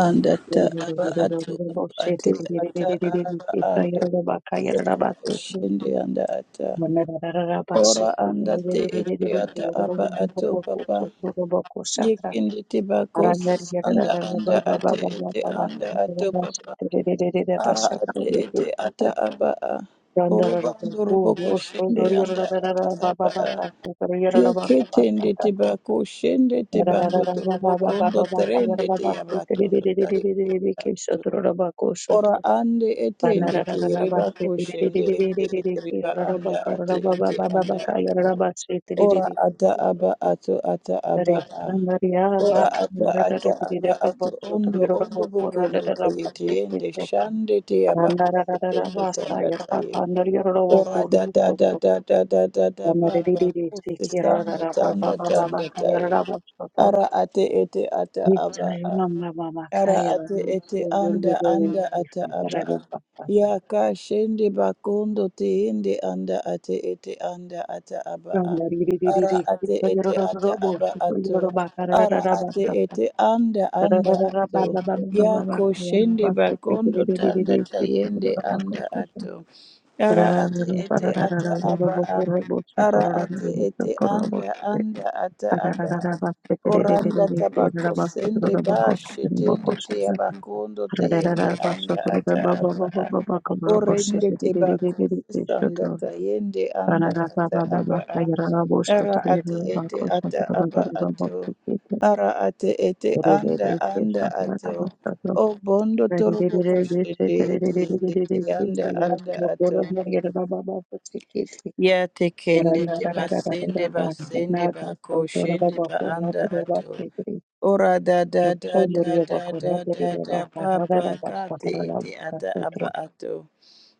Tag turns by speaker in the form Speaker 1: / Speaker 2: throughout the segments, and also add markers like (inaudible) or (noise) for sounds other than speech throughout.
Speaker 1: Anda ta aba atu atu atu ata araba ando ata kushindi anda ata ora anda te ete ata aba atu papa yekindi te bakosis anda anda ate ete anda atu papa ara ate ete ata aba a oroba ndorobo kushindi anda ata aba a yeketende te bakushindi te bando torobo kondo terende te yabatondo tariki Ora ande ete ende tiriba kushende ende etiriba anda ate ete anda ate. Ora ata aba ato ata aba a. Ora ata ata aba ato ondo ondo bokondo toyete yende shande te aba kusotondo tanda taye. Ora da da da da da da da da baba kose sanda tanda tanda tai. Ara ate ete ata aba a. Ara ate ete anda anda ata aba a. Ya ka shende bakondo te ende anda ate ete anda ata aba a. Ara ate ete ata aba ato. Ara ate ete anda anda ato. Yako shende bakondo tanda tayende anda ato. Ara ate ete ata aba a. Ara ate ete anda anda ata aba a. Oranda tabako sende ba shetende te abakondo teyende anda ata aba a. Orende tebako sisanda tayende anda ata aba a. Ara ate ete ata aba ato. Ara ate ete anda anda ato. O bondo torobo koshende ete yende te anda anda ato. Ya tekende te basende basende ba koshende ba anda ato. Ora da da da da da da da da papa kate ete ata aba ato.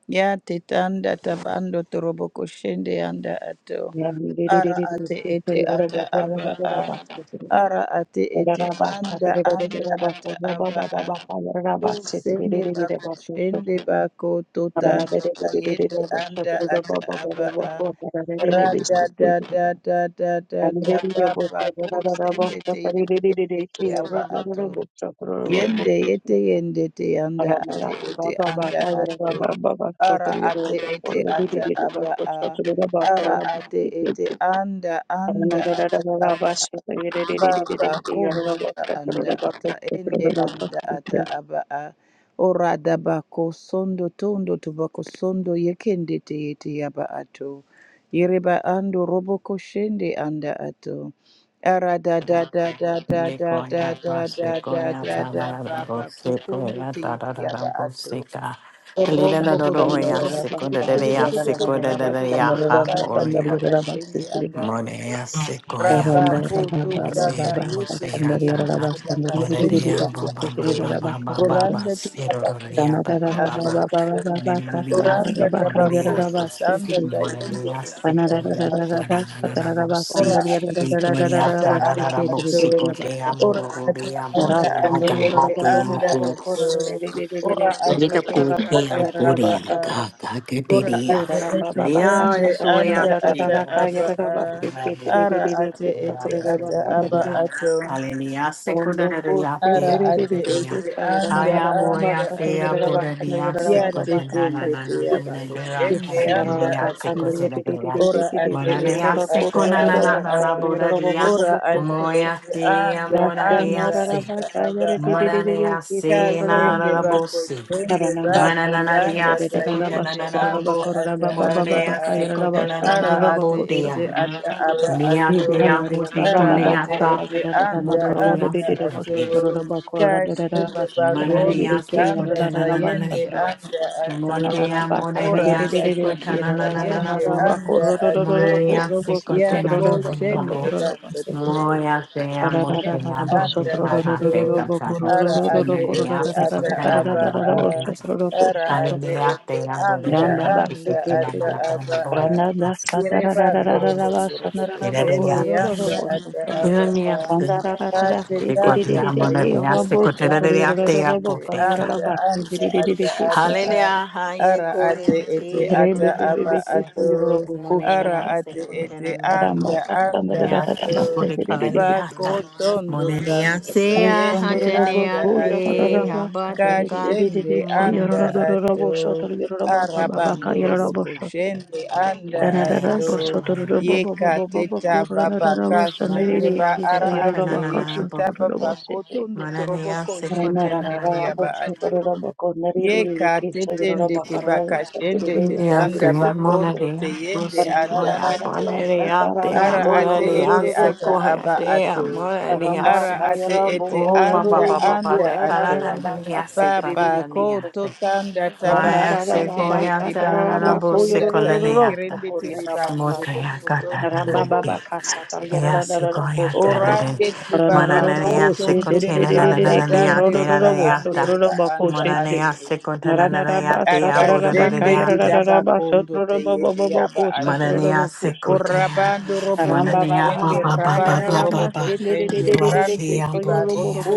Speaker 1: Ya titanda tabando turobo koshende anda ato. Ara ate ete ata aba a. Ara ate ete anda anda ata aba a. Kusende bako shende bako totanda tayende anda ata aba a. Rada da da da da da da da papa kusende te yete ete aba ato. Yende yete yende te yanda ate ete anda ato. Ara ate ete ata aba a. Ara ate ete anda anda ata aba Baba kumbata anda ata ende anda ata aba a ora daba ko sondo tondo tubako sondo yekende te yete yaba ato yereba ando robo ko shende anda ato ara da da da da da
Speaker 2: Mi
Speaker 1: da
Speaker 2: goya
Speaker 1: da da
Speaker 2: mase
Speaker 1: da da
Speaker 2: goya
Speaker 1: da
Speaker 2: da
Speaker 1: da
Speaker 2: da da da
Speaker 1: baba
Speaker 2: bo se
Speaker 1: kukundu
Speaker 2: goya
Speaker 1: te
Speaker 2: da
Speaker 1: yete
Speaker 2: da da da
Speaker 1: yaba
Speaker 2: bo
Speaker 1: ato
Speaker 2: ka. Ali da
Speaker 1: Rombo
Speaker 2: da da da
Speaker 1: gorombo
Speaker 2: ya se da da da ya da da da ha
Speaker 1: tanda
Speaker 2: bo ya.
Speaker 1: tabakashende anda atu.
Speaker 2: Monea sequoia,
Speaker 1: Raba kutu tata
Speaker 2: Bosia,
Speaker 1: yeke te
Speaker 2: Bosia,
Speaker 1: yende
Speaker 2: Tata,
Speaker 1: tabakasende
Speaker 2: Monadea,
Speaker 1: anda
Speaker 2: Baba,
Speaker 1: atu.
Speaker 2: Baba, Baba, Baba,
Speaker 1: Kuranda
Speaker 2: Sidoria,
Speaker 1: tabakashende
Speaker 2: Baba,
Speaker 1: anda
Speaker 2: Baba,
Speaker 1: atu.
Speaker 2: Lilia,
Speaker 1: Kuranda
Speaker 2: Sequoia,
Speaker 1: tabakofu sanda tayende
Speaker 2: Monadea, Sequoia, Tanana,
Speaker 1: Ora
Speaker 2: Bosi,
Speaker 1: ate ete
Speaker 2: Equoria,
Speaker 1: ata aba
Speaker 2: Tanana,
Speaker 1: ato.
Speaker 2: Bosico, Dea,
Speaker 1: Ora ate
Speaker 2: Mororia,
Speaker 1: anda
Speaker 2: Bodea,
Speaker 1: ate ete anda
Speaker 2: Gahati,
Speaker 1: ato. Ora ate
Speaker 2: Little
Speaker 1: ete ata
Speaker 2: Korea,
Speaker 1: aba
Speaker 2: Korea,
Speaker 1: a.
Speaker 2: Gaga,
Speaker 1: Ora
Speaker 2: Gadidia,
Speaker 1: ate ete
Speaker 2: Lea,
Speaker 1: ende
Speaker 2: Soya,
Speaker 1: anda ata aba a. Ara ate ete ata aba ato.
Speaker 2: Hallelujah, Sekundaria,
Speaker 1: Ara
Speaker 2: Dana
Speaker 1: ate
Speaker 2: Bodadia,
Speaker 1: ete anda
Speaker 2: Aya
Speaker 1: anda
Speaker 2: Boya,
Speaker 1: ato.
Speaker 2: Thea Bodadia,
Speaker 1: Ya tete
Speaker 2: Sekundana,
Speaker 1: ndete
Speaker 2: Nana,
Speaker 1: yabako
Speaker 2: Bunadera,
Speaker 1: shende anda
Speaker 2: Hallelujah,
Speaker 1: ato.
Speaker 2: Sekundana,
Speaker 1: Ora ate ete
Speaker 2: Monanea,
Speaker 1: ata
Speaker 2: Sekundana,
Speaker 1: aba a.
Speaker 2: Nana, Bodadia,
Speaker 1: Ora ate
Speaker 2: Moya,
Speaker 1: ete
Speaker 2: Thea,
Speaker 1: anda anda
Speaker 2: Monadia,
Speaker 1: ata aba a.
Speaker 2: Mananea se na
Speaker 1: Kasende bako
Speaker 2: Mananeyase nararabose.
Speaker 1: sende bato tanda
Speaker 2: Manananadeyase
Speaker 1: tayende anda
Speaker 2: kotanananarabo.
Speaker 1: ata aba a
Speaker 2: Monaneyase
Speaker 1: ara ate ete
Speaker 2: kotanananarabotea.
Speaker 1: ata aba ato
Speaker 2: Neatea hote
Speaker 1: ara ate
Speaker 2: koleata.
Speaker 1: ete anda anda
Speaker 2: Modaneyase
Speaker 1: ato
Speaker 2: kotea.
Speaker 1: kasende bakondo
Speaker 2: Mananeyase
Speaker 1: tanda tayende
Speaker 2: kotananananane.
Speaker 1: anda ato
Speaker 2: Motea
Speaker 1: ora anda
Speaker 2: modaneyase
Speaker 1: tanda tayende
Speaker 2: kotananananarabo.
Speaker 1: anda
Speaker 2: Monaneyase bo.
Speaker 1: ato
Speaker 2: Monanea se
Speaker 1: yako
Speaker 2: kotanana nanana
Speaker 1: sende
Speaker 2: bo.
Speaker 1: bato
Speaker 2: Moya te amo,
Speaker 1: Yende
Speaker 2: te amo, te
Speaker 1: anda
Speaker 2: caja,
Speaker 1: ato
Speaker 2: te casada.
Speaker 1: ara
Speaker 2: Una
Speaker 1: ate
Speaker 2: de
Speaker 1: ete
Speaker 2: asi
Speaker 1: ata
Speaker 2: potena la
Speaker 1: aba
Speaker 2: la
Speaker 1: a
Speaker 2: botica.
Speaker 1: ara ate
Speaker 2: Aleluya, te
Speaker 1: ete
Speaker 2: amo, de
Speaker 1: anda
Speaker 2: ria, te
Speaker 1: anda
Speaker 2: potena la
Speaker 1: ata
Speaker 2: la la la
Speaker 1: aba a
Speaker 2: boya.
Speaker 1: ireba ndorobo ndorobo koshende
Speaker 2: Tirariata.
Speaker 1: anda ata aba a
Speaker 2: Tirariata.
Speaker 1: Ati
Speaker 2: Te
Speaker 1: tanda
Speaker 2: cotiamo, de ria,
Speaker 1: tayende
Speaker 2: te cotera de
Speaker 1: tanda
Speaker 2: ria, te
Speaker 1: tayende
Speaker 2: apoteca.
Speaker 1: anda anda ata aba a
Speaker 2: Aleluya, haye
Speaker 1: ara ate
Speaker 2: coya,
Speaker 1: ete
Speaker 2: te amo,
Speaker 1: ata aba ato ara
Speaker 2: Monenia se
Speaker 1: ate ete
Speaker 2: contena na na po.
Speaker 1: anda anda
Speaker 2: Mia
Speaker 1: ato
Speaker 2: pure
Speaker 1: bako
Speaker 2: kalaliata.
Speaker 1: tondo
Speaker 2: Monenia
Speaker 1: tanda
Speaker 2: sea
Speaker 1: tayende anda
Speaker 2: hatenea
Speaker 1: ato
Speaker 2: te habateca.
Speaker 1: Kashende anda
Speaker 2: Monadea.
Speaker 1: ato arabando
Speaker 2: Monenia
Speaker 1: roboko
Speaker 2: seco.
Speaker 1: shende anda
Speaker 2: Monenia
Speaker 1: ato
Speaker 2: secoliata.
Speaker 1: yeka teta baba kashende ba
Speaker 2: Monenia se
Speaker 1: ara ate
Speaker 2: contena na na po.
Speaker 1: yeteta baba kotondo
Speaker 2: Monenia
Speaker 1: toroboko
Speaker 2: se contena
Speaker 1: shetende
Speaker 2: na
Speaker 1: te
Speaker 2: na
Speaker 1: yaba
Speaker 2: po.
Speaker 1: ato Yeka tetende tebakashende
Speaker 2: Mia
Speaker 1: tetanda
Speaker 2: fia
Speaker 1: bakondo
Speaker 2: monadea.
Speaker 1: teyende anda
Speaker 2: Prosecloia.
Speaker 1: ato.
Speaker 2: Monenia te
Speaker 1: Ara ate ete
Speaker 2: hamonadea
Speaker 1: ata aba ato.
Speaker 2: secohatea.
Speaker 1: Ara ate ete
Speaker 2: Oh, ba ba
Speaker 1: anda
Speaker 2: ba ba ba
Speaker 1: anda
Speaker 2: de kara
Speaker 1: ato.
Speaker 2: na na ni ase
Speaker 1: Papa
Speaker 2: kara na ni
Speaker 1: koto
Speaker 2: ase.
Speaker 1: tanda taba
Speaker 2: Maya se
Speaker 1: ashekende
Speaker 2: goya ta
Speaker 1: tiba
Speaker 2: na na na bo
Speaker 1: koto
Speaker 2: se
Speaker 1: ndata
Speaker 2: kola le ata.
Speaker 1: yekerende tiriba
Speaker 2: Mota
Speaker 1: turubo
Speaker 2: ya kata
Speaker 1: sotondo
Speaker 2: na na ni de.
Speaker 1: torobondo tiyetea.
Speaker 2: Ya se goya ta na de.
Speaker 1: Orande tiba
Speaker 2: Mana na ni
Speaker 1: bakoto
Speaker 2: ase
Speaker 1: ndo
Speaker 2: kote na
Speaker 1: toba
Speaker 2: na na na na ni
Speaker 1: dadande
Speaker 2: ate na
Speaker 1: riba
Speaker 2: na ni
Speaker 1: ande
Speaker 2: ata.
Speaker 1: riba anda
Speaker 2: Mana ni
Speaker 1: ate.
Speaker 2: ase kote na na na ni ate ya bo do do do
Speaker 1: Akasende
Speaker 2: ni ate.
Speaker 1: didabakondo te yete yaba ato.
Speaker 2: Mana ni ase kote ya.
Speaker 1: Orabando
Speaker 2: Mana
Speaker 1: roboko
Speaker 2: ni ya ba
Speaker 1: sende,
Speaker 2: ba ba ba
Speaker 1: rabando
Speaker 2: ba ba ba.
Speaker 1: roboko shende,
Speaker 2: Bwa
Speaker 1: rande
Speaker 2: ya bo
Speaker 1: tiba
Speaker 2: te
Speaker 1: roto.
Speaker 2: ya.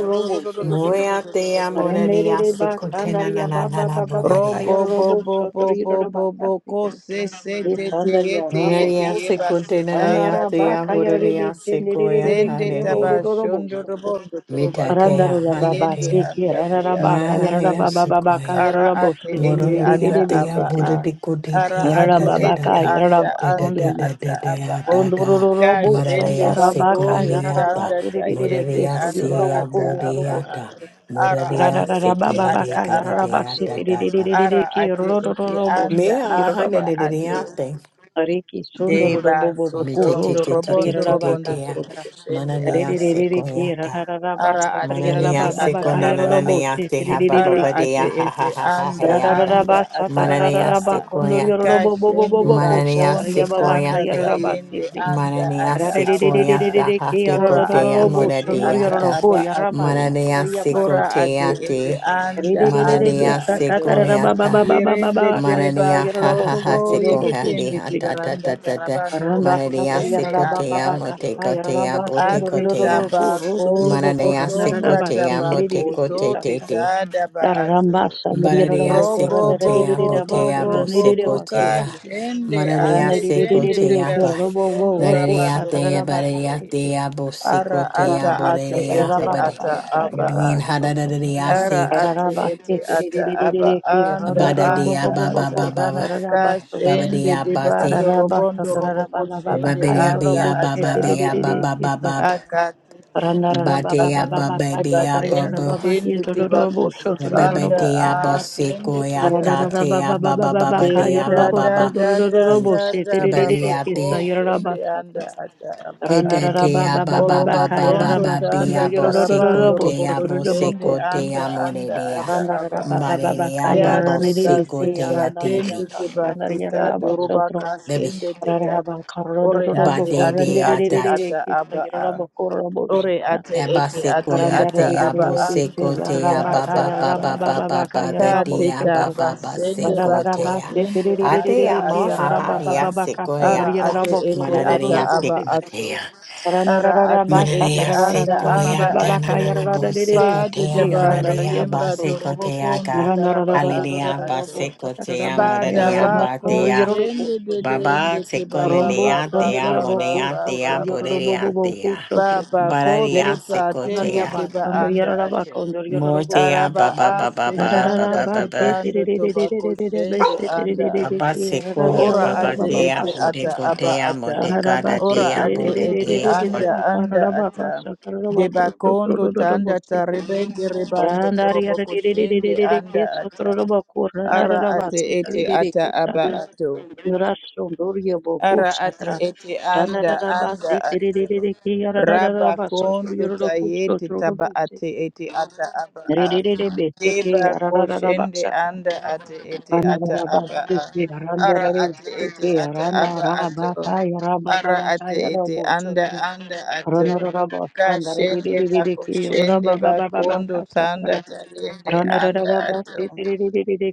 Speaker 2: Moreatea, morerea, secotena, na, na, na, na, borerea.
Speaker 1: Robo bo bo bo bo bo bo ko se se te te yete yete
Speaker 2: Morerea,
Speaker 1: yeba se
Speaker 2: secotena, narea,
Speaker 1: tanda
Speaker 2: sea,
Speaker 1: tanda ta
Speaker 2: borerea, sequoia,
Speaker 1: Sende taba
Speaker 2: halerea.
Speaker 1: shondo robondo toroba
Speaker 2: Mitatea,
Speaker 1: kondo teyende
Speaker 2: haletea.
Speaker 1: anda tuyanda
Speaker 2: Maya,
Speaker 1: tataye.
Speaker 2: sequoia.
Speaker 1: Ara ate ete ata
Speaker 2: Morerea, tea,
Speaker 1: aba a. Ara
Speaker 2: boredicotea,
Speaker 1: ate
Speaker 2: da, da, da,
Speaker 1: ete
Speaker 2: da.
Speaker 1: anda
Speaker 2: Da, da,
Speaker 1: anda
Speaker 2: da, da,
Speaker 1: ata
Speaker 2: da,
Speaker 1: aba
Speaker 2: da,
Speaker 1: a.
Speaker 2: da, da.
Speaker 1: Ka shende
Speaker 2: Morerea,
Speaker 1: bakondo
Speaker 2: sequoiata.
Speaker 1: tanda tayende
Speaker 2: Morerea,
Speaker 1: anda
Speaker 2: sea,
Speaker 1: ata aba a.
Speaker 2: boreata.
Speaker 1: Ara
Speaker 2: Morerea,
Speaker 1: ate ete ata
Speaker 2: secolede,
Speaker 1: aba
Speaker 2: cadatea
Speaker 1: ato.
Speaker 2: da, da, da.
Speaker 1: Ara ate ete anda
Speaker 2: Mea hana
Speaker 1: anda
Speaker 2: de de
Speaker 1: ato.
Speaker 2: deate.
Speaker 1: Deba soto
Speaker 2: Mite te te te te
Speaker 1: ndorobondo
Speaker 2: te te
Speaker 1: robondo
Speaker 2: te ya.
Speaker 1: torobo koshende
Speaker 2: Mana ne ya
Speaker 1: anda
Speaker 2: se
Speaker 1: ato.
Speaker 2: ko yata.
Speaker 1: Ara ate
Speaker 2: ne
Speaker 1: ete
Speaker 2: ya se
Speaker 1: ata
Speaker 2: na na
Speaker 1: aba a.
Speaker 2: ne ya ha ba ba
Speaker 1: Ara
Speaker 2: ba de
Speaker 1: ate
Speaker 2: ya ha ha
Speaker 1: ete
Speaker 2: ha ha ha
Speaker 1: anda
Speaker 2: yata.
Speaker 1: anda ata
Speaker 2: Mana ne
Speaker 1: aba
Speaker 2: ya
Speaker 1: a.
Speaker 2: se ko yate.
Speaker 1: Kashende
Speaker 2: ne ya
Speaker 1: bakondo
Speaker 2: se ko
Speaker 1: tanda tayende anda
Speaker 2: Mananea
Speaker 1: ata aba a.
Speaker 2: sequoyata hate
Speaker 1: Ora
Speaker 2: cotea
Speaker 1: ate ete ata
Speaker 2: moradeata.
Speaker 1: aba ato.
Speaker 2: Mananea
Speaker 1: Ora ate ete
Speaker 2: sequoteate.
Speaker 1: anda anda
Speaker 2: Mananea
Speaker 1: ato.
Speaker 2: sequoyata.
Speaker 1: Yerende tereba
Speaker 2: Mananea ha ha ha
Speaker 1: sorotobo
Speaker 2: sequohade
Speaker 1: yeketende
Speaker 2: hata ta
Speaker 1: tiberanda
Speaker 2: ta ta ta.
Speaker 1: tarabando roboko
Speaker 2: Mananea
Speaker 1: shende anda
Speaker 2: sequotea
Speaker 1: ato.
Speaker 2: motecotea
Speaker 1: Ate
Speaker 2: botecotea.
Speaker 1: tabako
Speaker 2: Mananea
Speaker 1: sotonda
Speaker 2: sequotea
Speaker 1: tabako to
Speaker 2: motecote te te.
Speaker 1: titada ba ato.
Speaker 2: Bararia
Speaker 1: Robo bo
Speaker 2: secotea,
Speaker 1: bo bo
Speaker 2: botea,
Speaker 1: bo bo bo ka
Speaker 2: bosecotea,
Speaker 1: shende
Speaker 2: mararia
Speaker 1: ande tende tebe
Speaker 2: secotea, ba,
Speaker 1: sotondo
Speaker 2: larea
Speaker 1: rabando robo
Speaker 2: tea,
Speaker 1: kondo
Speaker 2: bararia
Speaker 1: ye.
Speaker 2: tea,
Speaker 1: Ara ata
Speaker 2: bosecotea,
Speaker 1: ate
Speaker 2: borea,
Speaker 1: ete
Speaker 2: abade,
Speaker 1: ata aba
Speaker 2: bean hadadaria
Speaker 1: Ara
Speaker 2: sec,
Speaker 1: ati iti ata aba anda
Speaker 2: abadadea,
Speaker 1: anda
Speaker 2: baba,
Speaker 1: ata.
Speaker 2: baba,
Speaker 1: Kashende
Speaker 2: babadea, bate,
Speaker 1: debando robondo roboko shende
Speaker 2: babadea,
Speaker 1: anda
Speaker 2: bea,
Speaker 1: ata
Speaker 2: baba,
Speaker 1: aba
Speaker 2: bea,
Speaker 1: a.
Speaker 2: baba, baba,
Speaker 1: Akati tende tiba
Speaker 2: batea,
Speaker 1: tende
Speaker 2: baba,
Speaker 1: tiba
Speaker 2: bea,
Speaker 1: tende
Speaker 2: baba,
Speaker 1: tende tiba
Speaker 2: Baba
Speaker 1: kosusanda
Speaker 2: de
Speaker 1: a
Speaker 2: aba
Speaker 1: tende
Speaker 2: ya ta
Speaker 1: tiata.
Speaker 2: te aba ba ba ba de
Speaker 1: Dere
Speaker 2: aba
Speaker 1: da
Speaker 2: ba
Speaker 1: da da da da da baba ko shende anda ata aba a.
Speaker 2: ete te aba ba ba ba ba
Speaker 1: Orobatondo
Speaker 2: ba be
Speaker 1: tanga
Speaker 2: abo seko
Speaker 1: tarabando
Speaker 2: te
Speaker 1: roboko
Speaker 2: abo
Speaker 1: shende
Speaker 2: seko te
Speaker 1: anda
Speaker 2: amore
Speaker 1: anda
Speaker 2: de a
Speaker 1: ata aba a.
Speaker 2: bari de
Speaker 1: Ya teka
Speaker 2: te
Speaker 1: sesa
Speaker 2: ya te ri
Speaker 1: tende teba teta doroba
Speaker 2: baby
Speaker 1: kasende teta. Ore ati
Speaker 2: bade
Speaker 1: ati
Speaker 2: dea
Speaker 1: ati
Speaker 2: de
Speaker 1: ata aba a. Ore ate ete ate
Speaker 2: Abaseko ya
Speaker 1: ata
Speaker 2: te
Speaker 1: aba anda
Speaker 2: aboseko te
Speaker 1: anda ata
Speaker 2: ababa ba
Speaker 1: aba
Speaker 2: ba
Speaker 1: a.
Speaker 2: ba ba ba
Speaker 1: Ka
Speaker 2: the de
Speaker 1: teta
Speaker 2: ababa
Speaker 1: basende
Speaker 2: baseko
Speaker 1: bako
Speaker 2: te ya
Speaker 1: shende
Speaker 2: ate
Speaker 1: anda
Speaker 2: amo
Speaker 1: ata
Speaker 2: ha ha
Speaker 1: aba a.
Speaker 2: ya seko
Speaker 1: Ara
Speaker 2: ya ta
Speaker 1: ate ete ata
Speaker 2: ya
Speaker 1: aba
Speaker 2: seko te
Speaker 1: ato.
Speaker 2: ya
Speaker 1: Ara ate
Speaker 2: manare
Speaker 1: ete
Speaker 2: ya
Speaker 1: anda
Speaker 2: seko ya
Speaker 1: anda
Speaker 2: ta na na na
Speaker 1: ato.
Speaker 2: boseko te
Speaker 1: Pada
Speaker 2: ya
Speaker 1: jaba
Speaker 2: manare ya
Speaker 1: retemba
Speaker 2: baseko
Speaker 1: dorobo
Speaker 2: te ya
Speaker 1: kondo
Speaker 2: ka
Speaker 1: taraba anda
Speaker 2: hallelujah
Speaker 1: ato.
Speaker 2: baseko te ya
Speaker 1: pada
Speaker 2: manare ya ba
Speaker 1: bako
Speaker 2: te ya
Speaker 1: shende
Speaker 2: baba
Speaker 1: dedende ke
Speaker 2: seko
Speaker 1: ba
Speaker 2: lele
Speaker 1: ba ba
Speaker 2: ya
Speaker 1: ba
Speaker 2: te ya
Speaker 1: ba ba
Speaker 2: manare ya
Speaker 1: ba
Speaker 2: te
Speaker 1: ba
Speaker 2: ya
Speaker 1: ba
Speaker 2: bore
Speaker 1: ba.
Speaker 2: ya te ya
Speaker 1: Baba
Speaker 2: barare
Speaker 1: koto
Speaker 2: ya
Speaker 1: ta
Speaker 2: seko te
Speaker 1: tende
Speaker 2: ya
Speaker 1: teba anda ate.
Speaker 2: Mortea
Speaker 1: Araba
Speaker 2: baba baba
Speaker 1: ase
Speaker 2: baba baba
Speaker 1: sanda
Speaker 2: baba
Speaker 1: tepando tobako shende anda
Speaker 2: baba
Speaker 1: ate.
Speaker 2: sequoia
Speaker 1: Ora
Speaker 2: baba
Speaker 1: ate
Speaker 2: dea
Speaker 1: ete ata
Speaker 2: budeco
Speaker 1: aba
Speaker 2: dea
Speaker 1: ata.
Speaker 2: modecada
Speaker 1: Ora
Speaker 2: dea
Speaker 1: ate ete
Speaker 2: bodea
Speaker 1: anda anda ata. Deba kondo tanda tarebende rebando toroboko shende anda ata. Ara ate ete ata aba ato. Ara ate ete anda anda atero. Raba kondo tayete taba ate ete ata aba a. Deba koshende anda ate ete ata aba a. Ara ate ete ata aba atero. Ara ate ete anda anda atero. Kashende bakoshende bakondo tanda tayende anda atero.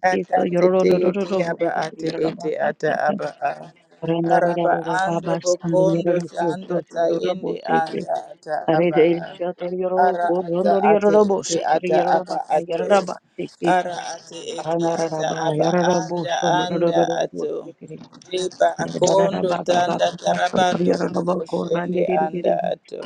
Speaker 1: Ata tete ete aba ate ete ata aba a. Araba ando bokondo tanda tayende anda ata aba a. Ara ata ate ete ata aba ato. Ara ate ete ata aba anda anda ato. Riba akondo tanda tarabando robokoshende anda ato.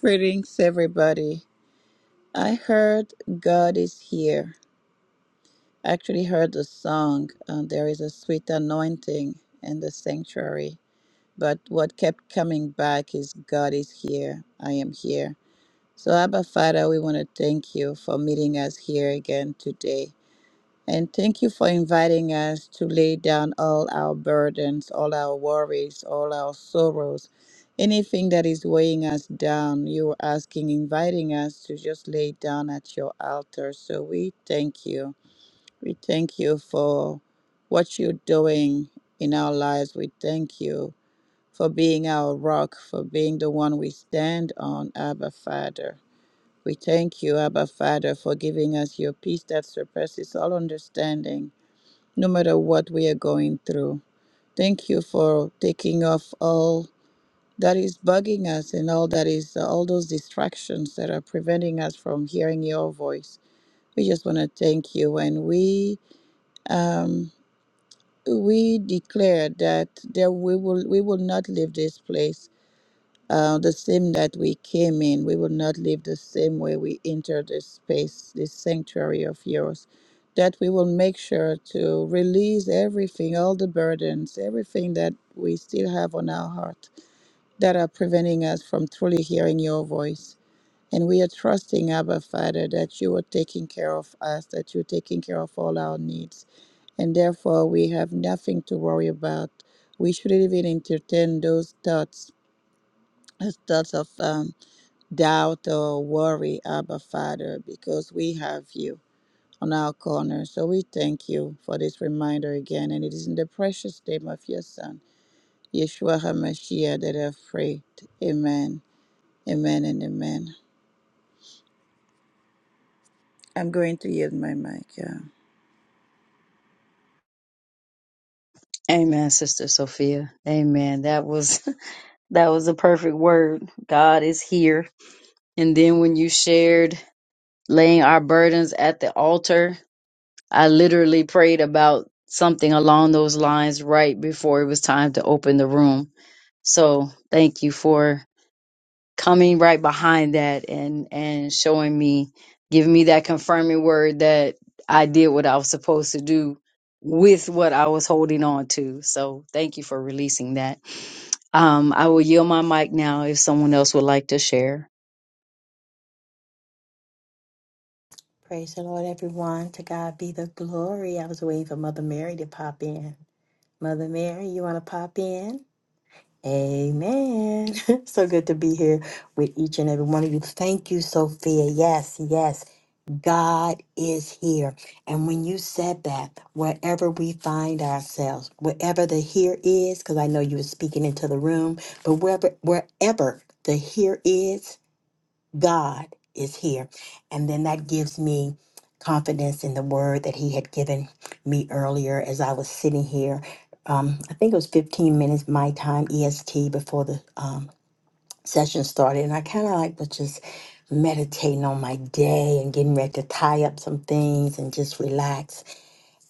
Speaker 1: Greetings everybody. I heard God is here. I actually heard the song, um, There is a Sweet Anointing in the Sanctuary. But what kept coming back is God is here. I am here. So, Abba Father, we want to thank you for meeting us here again today. And thank you for inviting us to lay down all our burdens, all our worries, all our sorrows, anything that is weighing us down. You were asking, inviting us to just lay it down at your altar. So, we thank you. We thank you for what you're doing in our lives. We thank you for being our rock, for being the one we stand on, Abba Father. We thank you, Abba Father, for giving us your peace that surpasses all understanding, no matter what we are going through. Thank you for taking off all that is bugging us and all that is uh, all those distractions that are preventing us from hearing your voice. We just want to thank you when we um. we declare that there we will we will not leave this place uh, the same that we came in. We will not leave the same way we entered this space, this sanctuary of yours. That we will make sure to release everything, all the burdens, everything that we still have on our heart that are preventing us from truly hearing your voice. And we are trusting, Abba Father, that you are taking care of us, that you're taking care of all our needs and therefore we have nothing to worry about. We shouldn't even entertain those thoughts as thoughts of um, doubt or worry, Abba Father, because we have you on our corner. So we thank you for this reminder again, and it is in the precious name of your Son, Yeshua HaMashiach, that I've prayed. Amen, amen, and amen. I'm going to yield my mic. Yeah.
Speaker 3: And then when you shared laying our burdens at the altar, I literally prayed about something along those lines right before it was time to open the room. So thank you for coming right behind that and, and showing me, giving me that confirming word that I did what I was supposed to do with what I was holding on to. So thank you for releasing that. Um, I will yield my mic now if someone else would like to share.
Speaker 2: Praise the Lord, everyone. To God be the glory. I was waiting for Mother Mary to pop in. Mother Mary, you want to pop in? Amen. (laughs) so good to be here with each and every one of you. Thank you, Sophia. Yes, yes. God is here. And when you said that, wherever we find ourselves, wherever the here is, because I know you were speaking into the room, but wherever wherever the here is. God is here. And then that gives me confidence in the word that he had given me earlier as I was sitting here. Um, I think it was 15 minutes my time EST before the um, session started. And I kind of like was just meditating on my day and getting ready to tie up some things and just relax.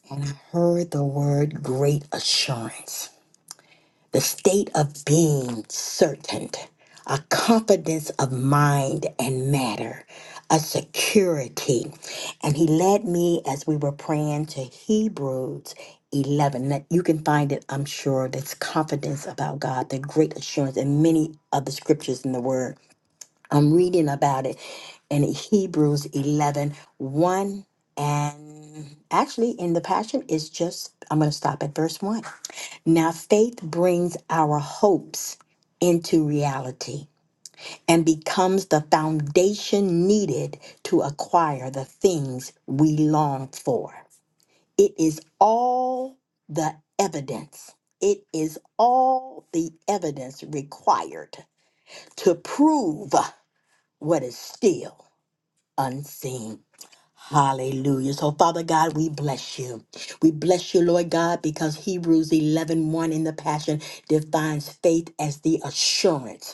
Speaker 2: And I heard the word great assurance the state of being certain, a confidence of mind and matter, a security. And he led me as we were praying to Hebrews 11. That you can find it, I'm sure, that's confidence about God, the great assurance, and many of the scriptures in the Word. I'm reading about it in Hebrews eleven one and actually in the Passion, it's just, I'm going to stop at verse 1. Now, faith brings our hopes into reality and becomes the foundation needed to acquire the things we long for. It is all the evidence. It is all the evidence required to prove what is still unseen. Hallelujah. So, Father God, we bless you. We bless you, Lord God, because Hebrews eleven one in the Passion defines faith as the assurance.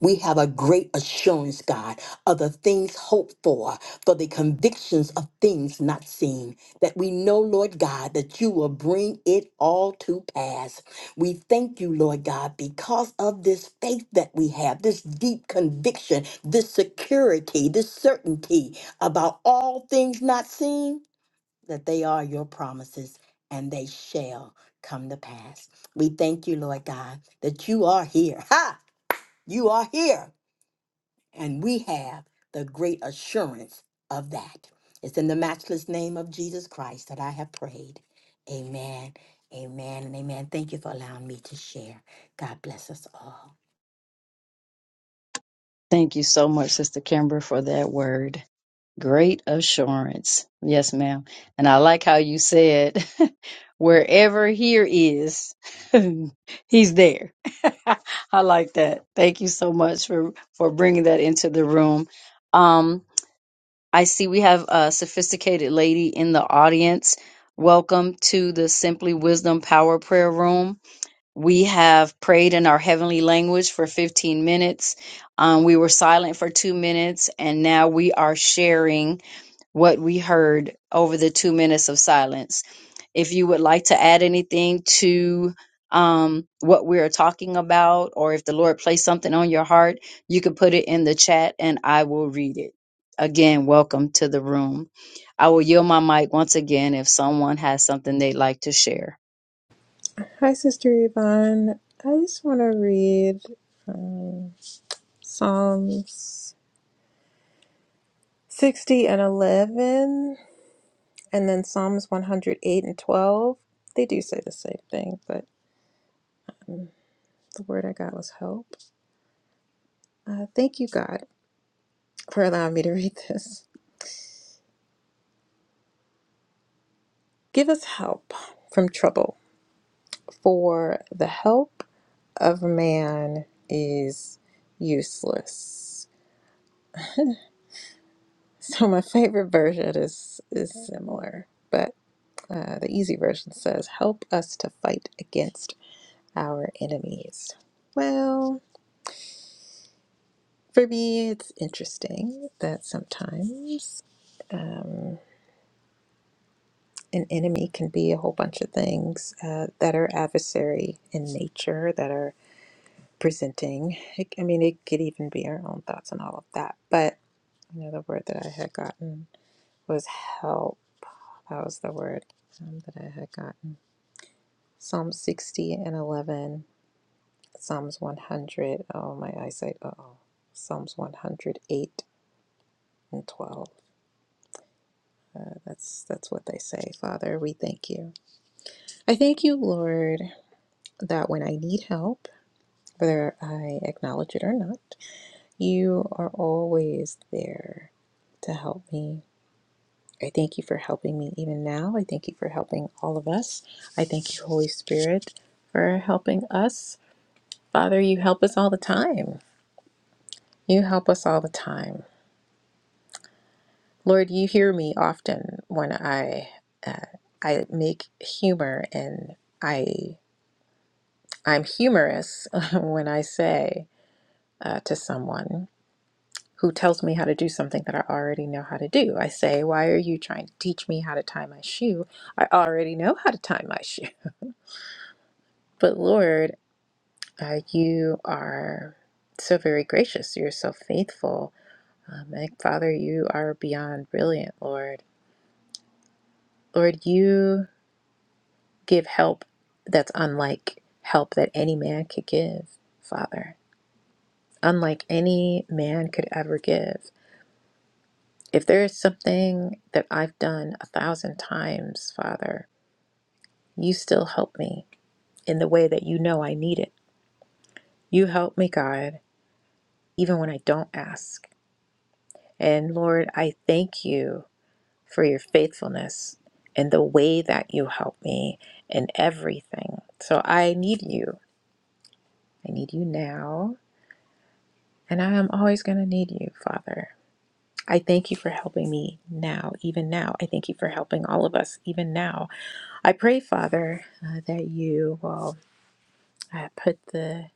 Speaker 2: We have a great assurance, God, of the things hoped for, for the convictions of things not seen, that we know, Lord God, that you will bring it all to pass. We thank you, Lord God, because of this faith that we have, this deep conviction, this security, this certainty about all things not seen, that they are your promises and they shall come to pass. We thank you, Lord God, that you are here. Ha! You are here and we have the great assurance of that. It's in the matchless name of Jesus Christ that I have prayed. Amen, amen, and amen. Thank you for allowing me to share. God bless us all.
Speaker 3: Thank you so much, Sister Kimber, for that word. Great assurance. Yes, ma'am. And I like how you said, (laughs) wherever here is, (laughs) he's there. (laughs) I like that. Thank you so much for, for bringing that into the room. Um, I see we have a sophisticated lady in the audience. Welcome to the Simply Wisdom Power Prayer Room. We have prayed in our heavenly language for 15 minutes. Um, we were silent for two minutes, and now we are sharing what we heard over the two minutes of silence. If you would like to add anything to um, what we are talking about, or if the Lord placed something on your heart, you can put it in the chat and I will read it. Again, welcome to the room. I will yield my mic once again if someone has something they'd like to share.
Speaker 4: Hi, Sister Yvonne. I just want to read Psalms 60 and 11, and then Psalms 108 and 12. They do say the same thing, but the word I got was help. Uh, thank you, God, for allowing me to read this. Give us help from trouble, for the help of man is useless. So, my favorite version is, is similar, but Uh, the easy version says, Help us to fight against our enemies. Well, for me, it's interesting that sometimes um, an enemy can be a whole bunch of things uh, that are adversary in nature, that are presenting. It, I mean, it could even be our own thoughts and all of that. But you know, the word that I had gotten was help. That was the word um, that I had gotten. Psalm 60 and 11. Psalms 100. Oh, my eyesight. Uh oh. Psalms 108 and 12. Uh, that's that's what they say. Father, we thank you. I thank you, Lord, that when I need help, whether I acknowledge it or not, you are always there to help me. I thank you for helping me even now. I thank you for helping all of us. I thank you, Holy Spirit, for helping us. Father, you help us all the time. You help us all the time. Lord, you hear me often when I uh, I make humor and I I'm humorous (laughs) when I say uh, to someone who tells me how to do something that I already know how to do. I say, "Why are you trying to teach me how to tie my shoe? I already know how to tie my shoe." (laughs) But Lord, uh, you are so very gracious. You're so faithful. Um, and Father, you are beyond brilliant, Lord. Lord, you give help that's unlike help that any man could give, Father, unlike any man could ever give. If there is something that I've done a thousand times, Father, you still help me in the way that you know I need it. You help me, God, even when I don't ask. And Lord, I thank you for your faithfulness and the way that you help me in everything. So I need you. I need you now. And I am always going to need you, Father. I thank you for helping me now, even now. I thank you for helping all of us, even now. I pray, Father, uh, that you will uh, put the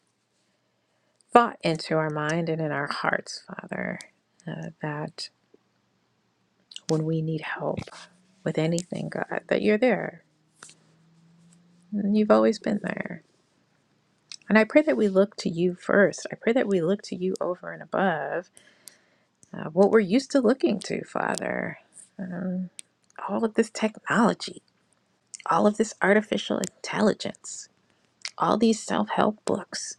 Speaker 4: thought into our mind and in our hearts, Father, uh, that when we need help with anything, God, that you're there. And You've always been there. And I pray that we look to you first. I pray that we look to you over and above uh, what we're used to looking to, Father. Um, all of this technology. all of this artificial intelligence, all these self help books,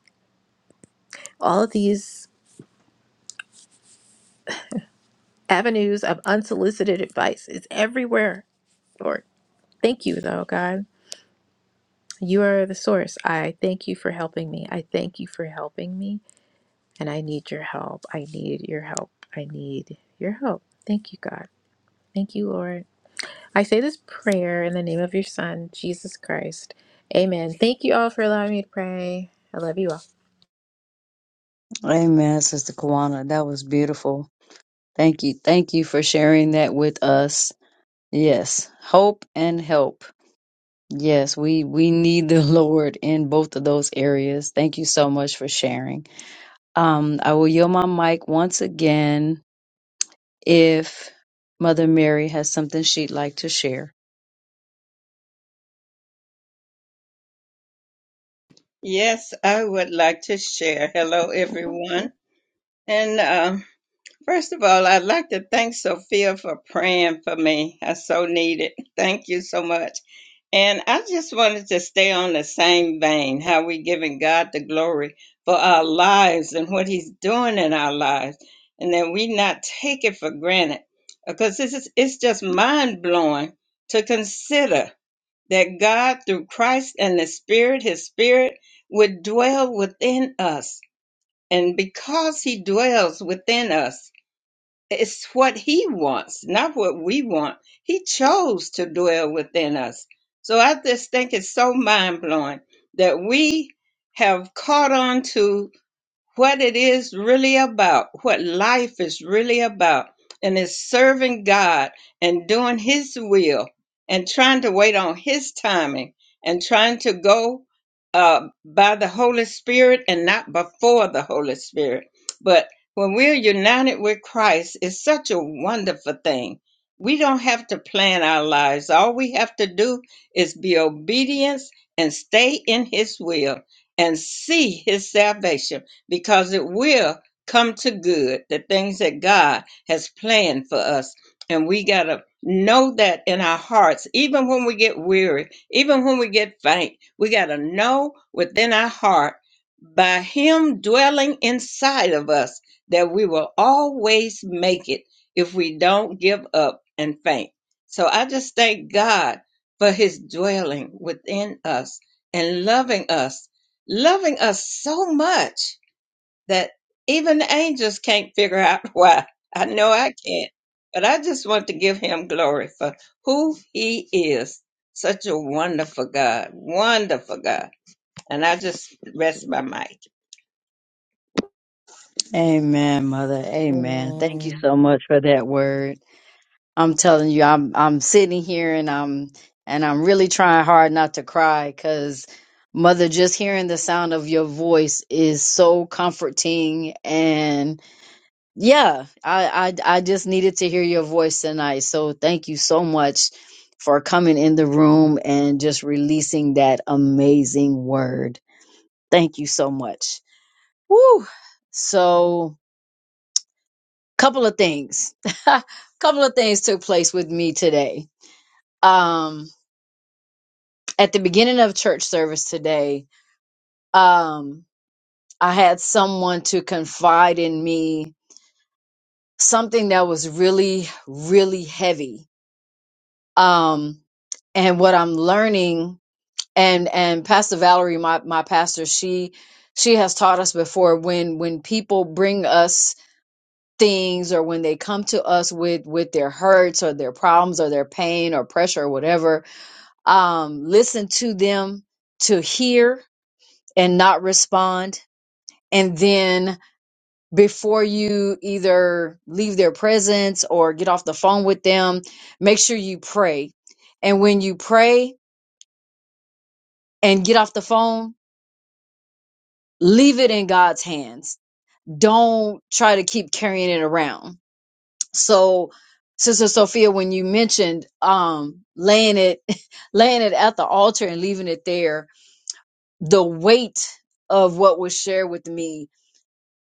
Speaker 4: all of these avenues of unsolicited advice. It's everywhere, Lord. Thank you, though, God. You are the source. I thank you for helping me. I thank you for helping me. And I need your help. I need your help. I need your help. Thank you, God. Thank you, Lord. I say this prayer in the name of your Son, Jesus Christ. Amen. Thank you all for allowing me to pray. I love you all.
Speaker 3: Amen, Sister Kawana. That was beautiful. Thank you. Thank you for sharing that with us. Yes, hope and help. Yes, we we need the (laughs) Lord in both of those areas. Thank you so much for sharing. Um, I will yield my mic once again if Mother Mary has something she'd like to share.
Speaker 5: Yes, I would like to share. Hello, everyone. And um, first of all, I'd like to thank Sophia for praying for me. I so need it. Thank you so much. And I just wanted to stay on the same vein how we giving God the glory for our lives and what He's doing in our lives, and that we not take it for granted because this is it's just mind blowing to consider that God, through Christ and the Spirit, His Spirit, would dwell within us. And because He dwells within us, it's what He wants, not what we want. He chose to dwell within us. So I just think it's so mind blowing that we have caught on to what it is really about, what life is really about, and it's serving God and doing His will and trying to wait on His timing and trying to go uh, by the Holy Spirit and not before the Holy Spirit. But when we're united with Christ, it's such a wonderful thing. We don't have to plan our lives. All we have to do is be obedience and stay in His will and see His salvation because it will come to good the things that God has planned for us. And we got to know that in our hearts, even when we get weary, even when we get faint, we got to know within our heart by Him dwelling inside of us that we will always make it if we don't give up and faint. So I just thank God for His dwelling within us and loving us, loving us so much that even angels can't figure out (laughs) why. I know I can't, but I just want to give him glory for who he is. Such a wonderful God, wonderful God. And I just rest my mic.
Speaker 3: Amen, Mother. Amen. Thank you
Speaker 2: Amen.
Speaker 3: so much for that word. I'm telling you, I'm I'm sitting here and I'm and I'm really trying hard not to cry because mother, just hearing the sound of your voice is so comforting and yeah, I I I just needed to hear your voice tonight. So thank you so much for coming in the room and just releasing that amazing word. Thank you so much. Woo! So couple of things. (laughs) couple of things took place with me today. Um at the beginning of church service today, um, I had someone to confide in me something that was really, really heavy. Um, and what I'm learning, and and Pastor Valerie, my my pastor, she she has taught us before when when people bring us things or when they come to us with with their hurts or their problems or their pain or pressure or whatever um listen to them to hear and not respond and then before you either leave their presence or get off the phone with them, make sure you pray. And when you pray and get off the phone, leave it in God's hands. Don't try to keep carrying it around. So, Sister Sophia, when you mentioned um, laying it, (laughs) laying it at the altar and leaving it there, the weight of what was shared with me,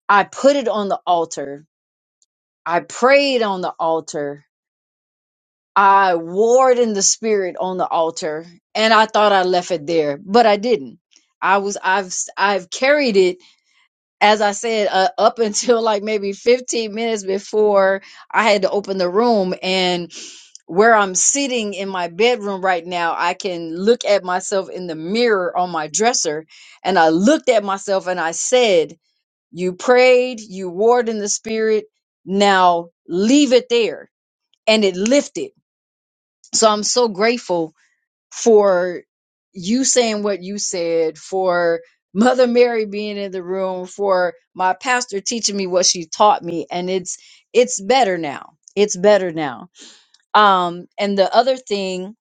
Speaker 3: I put it on the altar. I prayed on the altar I warred in the spirit on the altar and I thought I left it there, but I didn't. I was I've I've carried it as I said uh, (laughs) up until like maybe 15 minutes before I had to open the room and where I'm sitting in my bedroom right now, I can look at myself in the mirror on my dresser and I looked at myself and I said, "You prayed, you warred in the spirit, now leave it there." And it lifted so I'm so grateful for you saying what you said, for Mother Mary being in the room, for my pastor teaching me what she taught me, and it's it's better now. It's better now. Um, and the other thing,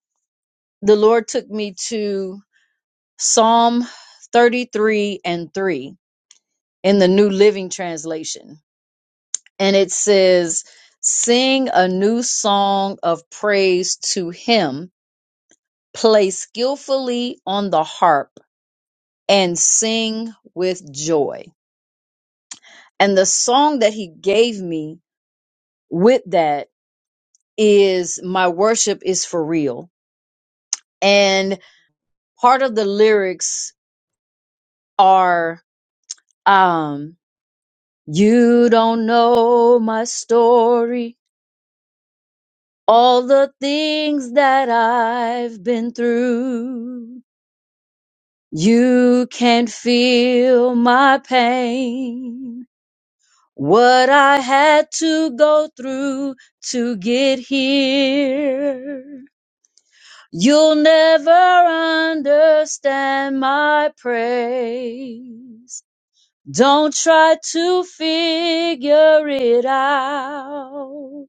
Speaker 3: the Lord took me to Psalm 33 and 3 in the New Living Translation. And it says, Sing a new song of praise to him play skillfully on the harp and sing with joy. And the song that he gave me with that is My Worship is for Real. And part of the lyrics are, um, you don't know my story, all the things that I've been through. You can feel my pain what I had to go through to get here. You'll never understand my praise. Don't try to figure it out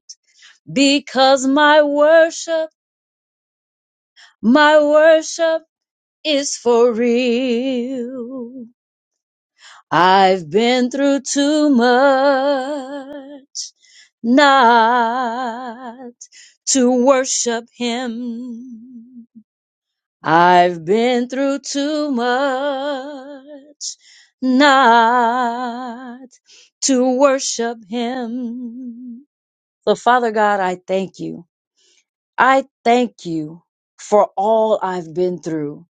Speaker 3: because my worship, my worship is for real. I've been through too much not to worship him. I've been through too much not to worship him. So Father God, I thank you. I thank you for all I've been through.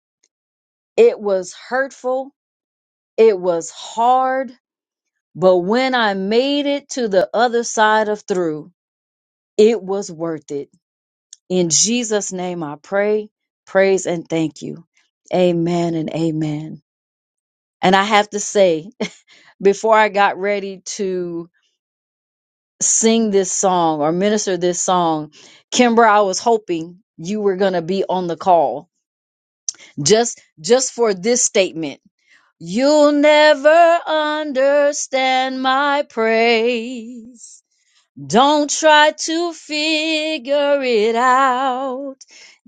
Speaker 3: It was hurtful. It was hard But when I made it to the other side of through, it was worth it. In Jesus' name I pray, praise, and thank you. Amen and amen. And I have to say, (laughs) before I got ready to sing this song or minister this song, Kimber, I was hoping you were going to be on the call just just for this statement. You'll never understand my praise. Don't try to figure it out.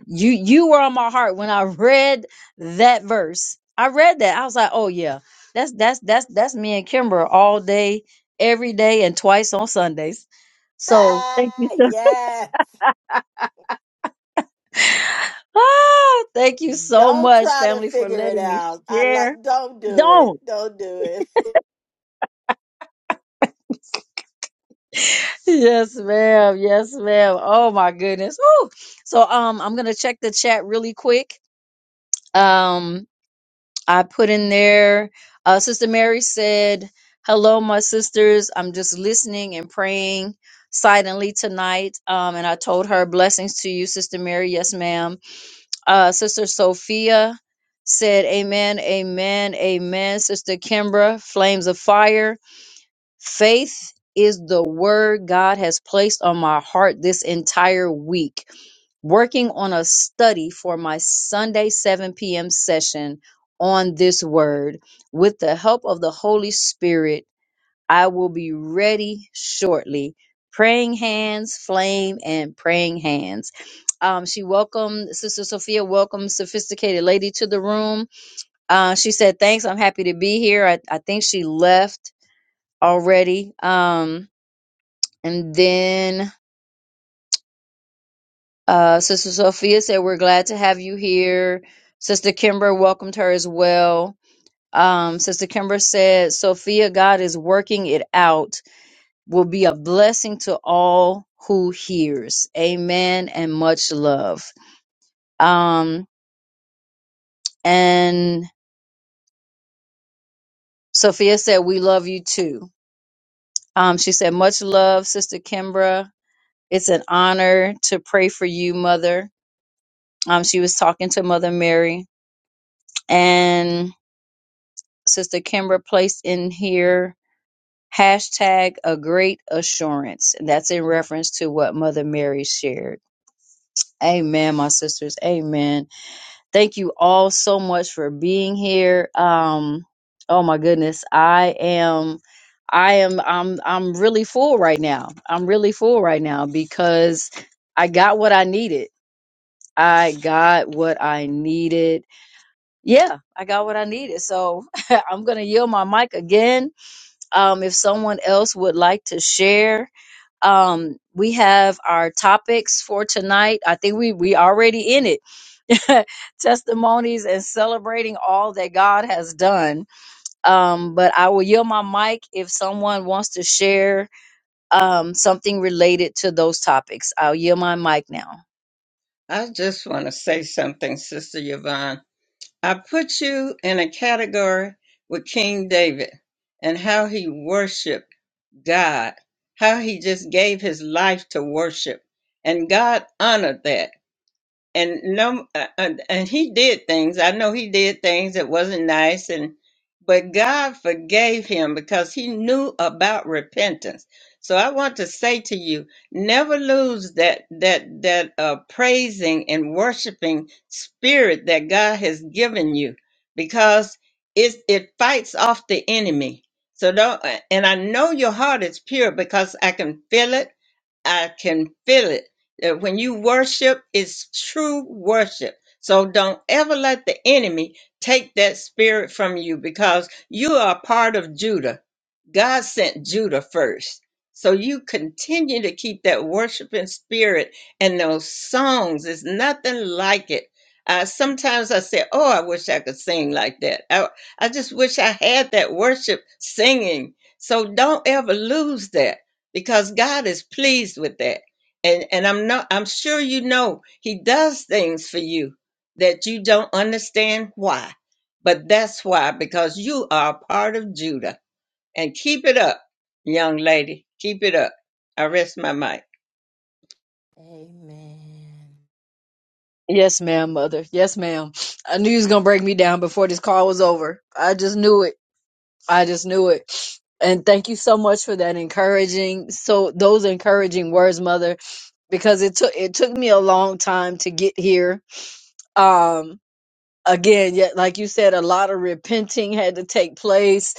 Speaker 3: You you were on my heart when I read that verse. I read that. I was like, "Oh yeah. That's that's that's that's me and Kimber all day, every day and twice on Sundays." So,
Speaker 2: Ah, yes.
Speaker 3: ah, thank you so
Speaker 2: Don't
Speaker 3: much
Speaker 2: try to
Speaker 3: family for
Speaker 2: figure it
Speaker 3: letting me
Speaker 2: out. I like,
Speaker 3: share.
Speaker 2: don't do it.
Speaker 3: Don't.
Speaker 2: Don't do it.
Speaker 3: (laughs) Yes, ma'am. Yes, ma'am. Oh my goodness. Woo. So, um I'm going to check the chat really quick. Um I put in there. Uh, sister Mary said, "Hello, my sisters. I'm just listening and praying silently tonight." Um, and I told her, "Blessings to you, Sister Mary." Yes, ma'am. Uh, Sister Sophia said, "Amen, amen, amen." Sister Kimbra, flames of fire. Faith is the word God has placed on my heart this entire week working on a study for my Sunday 7 p.m. session on this word. With the help of the Holy Spirit, I will be ready shortly. Praying hands, flame, and praying hands. Um, she welcomed Sister Sophia, welcomed sophisticated lady to the room. Uh, she said, "Thanks, I'm happy to be here." I, I think she left already. Um, and then Uh, Sister Sophia said, We're glad to have you here. Sister Kimber welcomed her as well. Um, Sister Kimber said, Sophia, God is working it out, will be a blessing to all who hears. Amen and much love. Um, and Sophia said, We love you too. Um, she said, Much love, Sister Kimbra. It's an honor to pray for you, Mother. Um, she was talking to Mother Mary. And Sister Kimbra placed in here hashtag a great assurance. And that's in reference to what Mother Mary shared. Amen, my sisters. Amen. Thank you all so much for being here. Um, oh my goodness, I am I am I'm I'm really full right now. I'm really full right now because I got what I needed. I got what I needed. Yeah, I got what I needed. So (laughs) I'm gonna yield my mic again Um, if someone else would like to share, um, we have our topics for tonight. I think we we already in it. (laughs) Testimonies and celebrating all that God has done. Um, but I will yield my mic if someone wants to share um, something related to those topics. I'll yield my mic now.
Speaker 5: I just want to say something, Sister Yvonne. I put you in a category with King David and how he worshiped God, how he just gave his life to worship. And God honored that and no uh, and and he did things i know he did things that wasn't nice and but god forgave him because he knew about repentance so i want to say to you never lose that that that uh, praising and worshiping spirit that god has given you because it it fights off the enemy so don't uh, and i know your heart is pure because i can feel it I can feel it. That when you worship, it's true worship. So don't ever let the enemy take that spirit from you because you are part of Judah. God sent Judah first. So you continue to keep that worshiping spirit and those songs. It's nothing like it. Uh, sometimes I say, Oh, I wish I could sing like that. I, I just wish I had that worship singing. So don't ever lose that because God is pleased with that. And and I'm not I'm sure you know he does things for you that you don't understand why. But that's why because you are a part of Judah. And keep it up, young lady. Keep it up. I rest my mic.
Speaker 2: (laughs) Amen.
Speaker 3: Yes, ma'am, mother. Yes, ma'am. I knew you was gonna break me down before this call was over. I just knew it. I just knew it. And thank you so much for that encouraging, so those encouraging words, mother, because it took it took me a long time to get here. Um, again, yet like you said, a lot of repenting had to take place.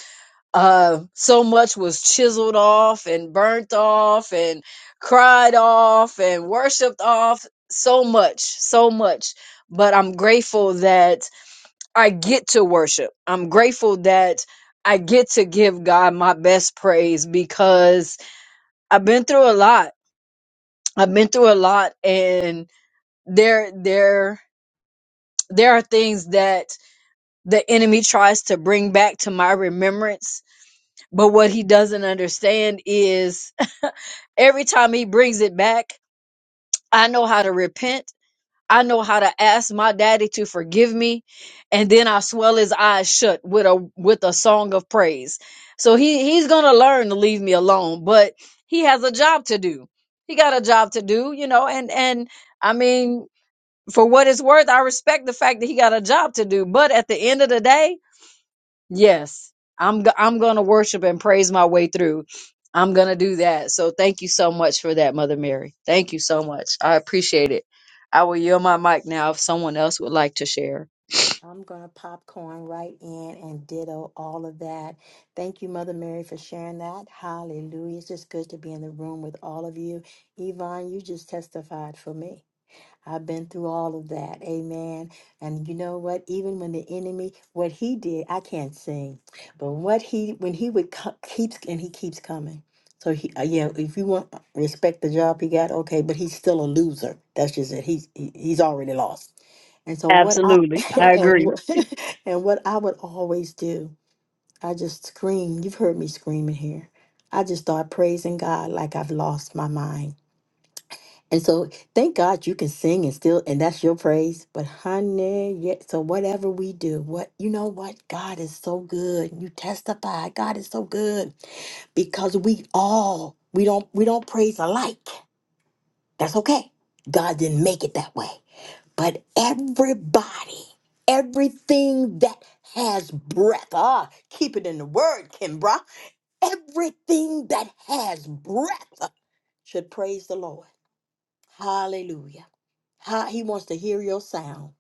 Speaker 3: Uh, so much was chiseled off and burnt off and cried off and worshipped off. So much, so much. But I'm grateful that I get to worship. I'm grateful that I get to give God my best praise because I've been through a lot. I've been through a lot and there there there are things that the enemy tries to bring back to my remembrance, but what he doesn't understand is (laughs) every time he brings it back, I know how to repent I know how to ask my daddy to forgive me, and then I swell his eyes shut with a with a song of praise. So he he's gonna learn to leave me alone, but he has a job to do. He got a job to do, you know, and and I mean, for what it's worth, I respect the fact that he got a job to do. But at the end of the day, Yes, I'm go- I'm going to worship and praise my way through. I'm going to do that. So thank you so much for that, Mother Mary. Thank you so much. I appreciate it. I will yield my mic now if someone else would like to share.
Speaker 2: I'm going to popcorn right in and ditto all of that. Thank you, Mother Mary, for sharing that. Hallelujah. It's just good to be in the room with all of you. Yvonne, you just testified for me. I've been through all of that. Amen. And you know what? Even when the enemy, what he did, I can't sing, but what he, when he would co- keeps, and he keeps coming. So he, uh, yeah, if you want uh, respect the job he got, okay, but he's still a loser. That's just it. He's he, he's already lost. And so what I (laughs) and what, (laughs) and what I would always do, I just scream. You've heard me screaming here. I just start praising God like I've lost my mind. And so thank God you can sing and still and that's your praise. But honey, yeah, so whatever we do, what you know what? God is so good. You testify, God is so good. Because we all we don't we don't praise alike. That's okay. God didn't make it that way. But everybody, everything that has breath, ah, keep it in the word, Kimbra. Everything that has breath ah, should praise the Lord. Hallelujah. Ha- He wants to hear your sound.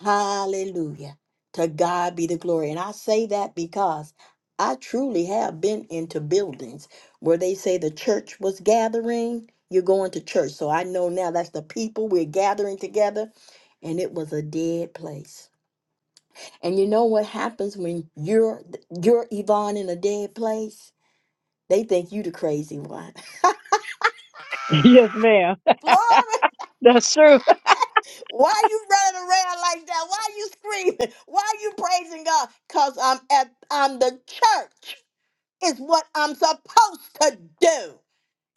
Speaker 2: Hallelujah. To God be the glory. And I say that because I truly have been into buildings where they say the church was gathering. You're going to church. So I know now that's the people we're gathering together. And it was a dead place. And you know what happens when you're you're Yvonne in a dead place? They think you the crazy one. (laughs) Glory.
Speaker 3: That's true.
Speaker 2: Why you running around like that? Why you screaming? Why you praising God? Cause I'm at I'm the church. Is what I'm supposed to do.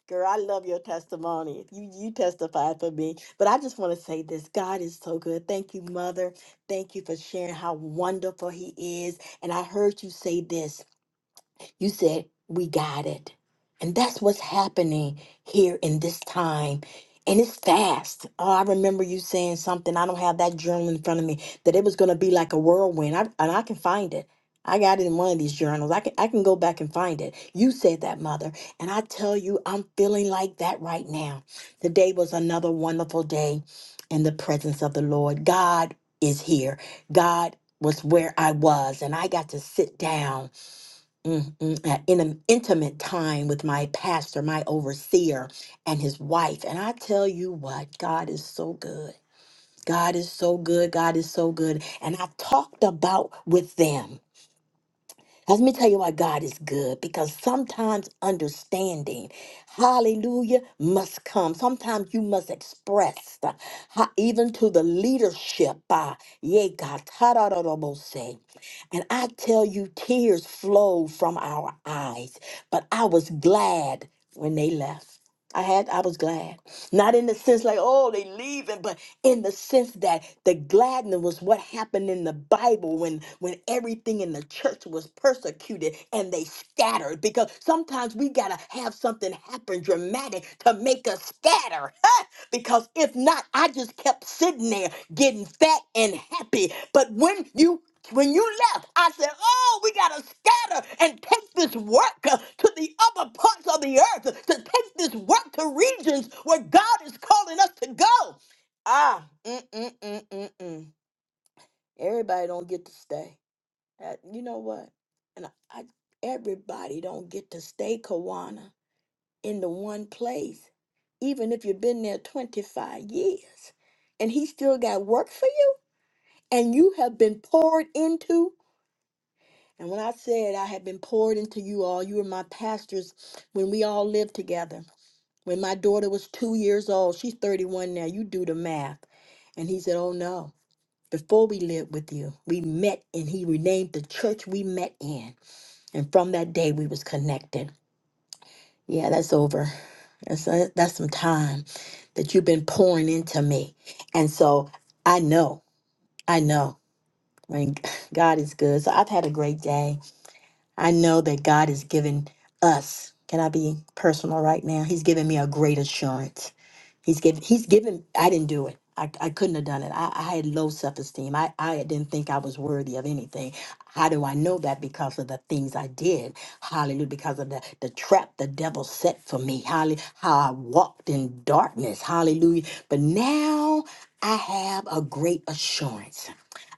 Speaker 2: Girl, I love your testimony. You you testified for me. But I just want to say this. God is so good. Thank you, mother. Thank you for sharing how wonderful he is. And I heard you say this. You said, We got it. And that's what's happening here in this time. And it's fast. Oh, I remember you saying something. I don't have that journal in front of me that it was going to be like a whirlwind. I, and I can find it. I got it in one of these journals. I can I can go back and find it. You said that, mother. And I tell you, I'm feeling like that right now. Today was another wonderful day in the presence of the Lord. God is here. God was where I was, and I got to sit down Mm, mm, uh, in an intimate time with my pastor, my overseer, and his wife. And I tell you what, God is so good. God is so good. God is so good. And I talked about with them. Let me tell you why God is good because sometimes understanding, hallelujah, must come. Sometimes you must express, uh, ha- even to the leadership, uh, yeah, God, say. And I tell you, tears flowed from our eyes, but I was glad when they left. I had, I was glad. Not in the sense like, oh, they leaving, but in the sense that the gladness was what happened in the Bible when when everything in the church was persecuted and they scattered because sometimes we got to have something happen dramatic to make us scatter (laughs) because if not I just kept sitting there getting fat and happy but when you when you left, I said, Oh, we got to scatter and take this work uh, to the other parts of the earth, to take this work to regions where God is calling us to go. Ah, mm, mm, mm, mm, mm. Everybody don't get to stay. That- you know what? And I, I, everybody don't get to stay, Kawana, in the one place, even if you've been there 25 years. And he still got work for you, and you have been poured into. And when I said I have been poured into you all, you were my pastors when we all lived together. When my daughter was two years old, she's 31 now, you do the math. And he said, Oh no. Before we lived with you, we met and he renamed the church we met in. And from that day we was connected. Yeah, that's over. That's uh, that's some time that you've been pouring into me. And so I know, I know when God is good. So I've had a great day. I know that God is giving us, can I be personal right now? He's giving me a great assurance He's given. He's given. I didn't do it. I, I couldn't have done it. I, I had low self esteem. I, I didn't think I was worthy of anything. How do I know that? Because of the things I did. Hallelujah. Because of the, the trap the devil set for me. Hallelujah. How I walked in darkness. Hallelujah. But now I have a great assurance.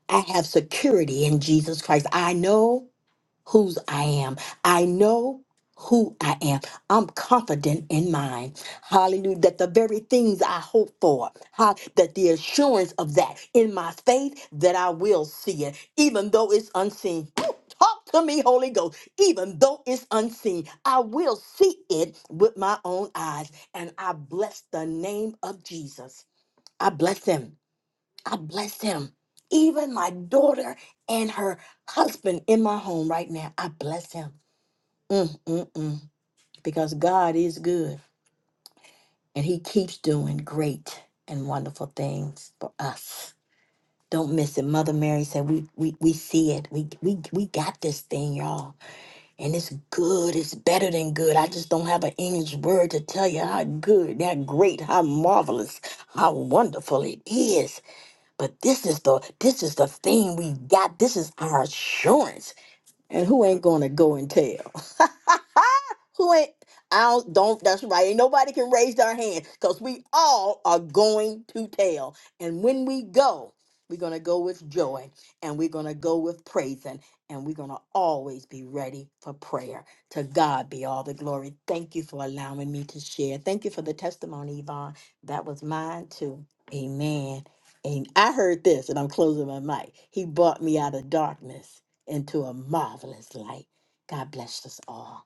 Speaker 2: I have security in Jesus Christ. I know whose I am. I know who I am. I'm confident in mine. Hallelujah. That the very things I hope for, ha- that the assurance of that in my faith, that I will see it, even though it's unseen. Woo! Talk to me, Holy Ghost. Even though it's unseen, I will see it with my own eyes. And I bless the name of Jesus. I bless him. I bless him. Even my daughter and her husband in my home right now, I bless him. Mm, mm, mm. Because God is good and he keeps doing great and wonderful things for us. Don't miss it. Mother Mary said, we, we, we see it. We, we, we got this thing, y'all. And it's good. It's better than good. I just don't have an English word to tell you how good, how great, how marvelous, how wonderful it is. But this is the this is the thing we got. This is our assurance. And who ain't gonna go and tell? (laughs) point. I don't that's right. Ain't nobody can raise their hand because we all are going to tell. And when we go, we're gonna go with joy and we're gonna go with praising and we're gonna always be ready for prayer. To God be all the glory. Thank you for allowing me to share. Thank you for the testimony, Yvonne. That was mine too. Amen. And I heard this, and I'm closing my mic. He brought me out of darkness into a marvelous light. God bless us all.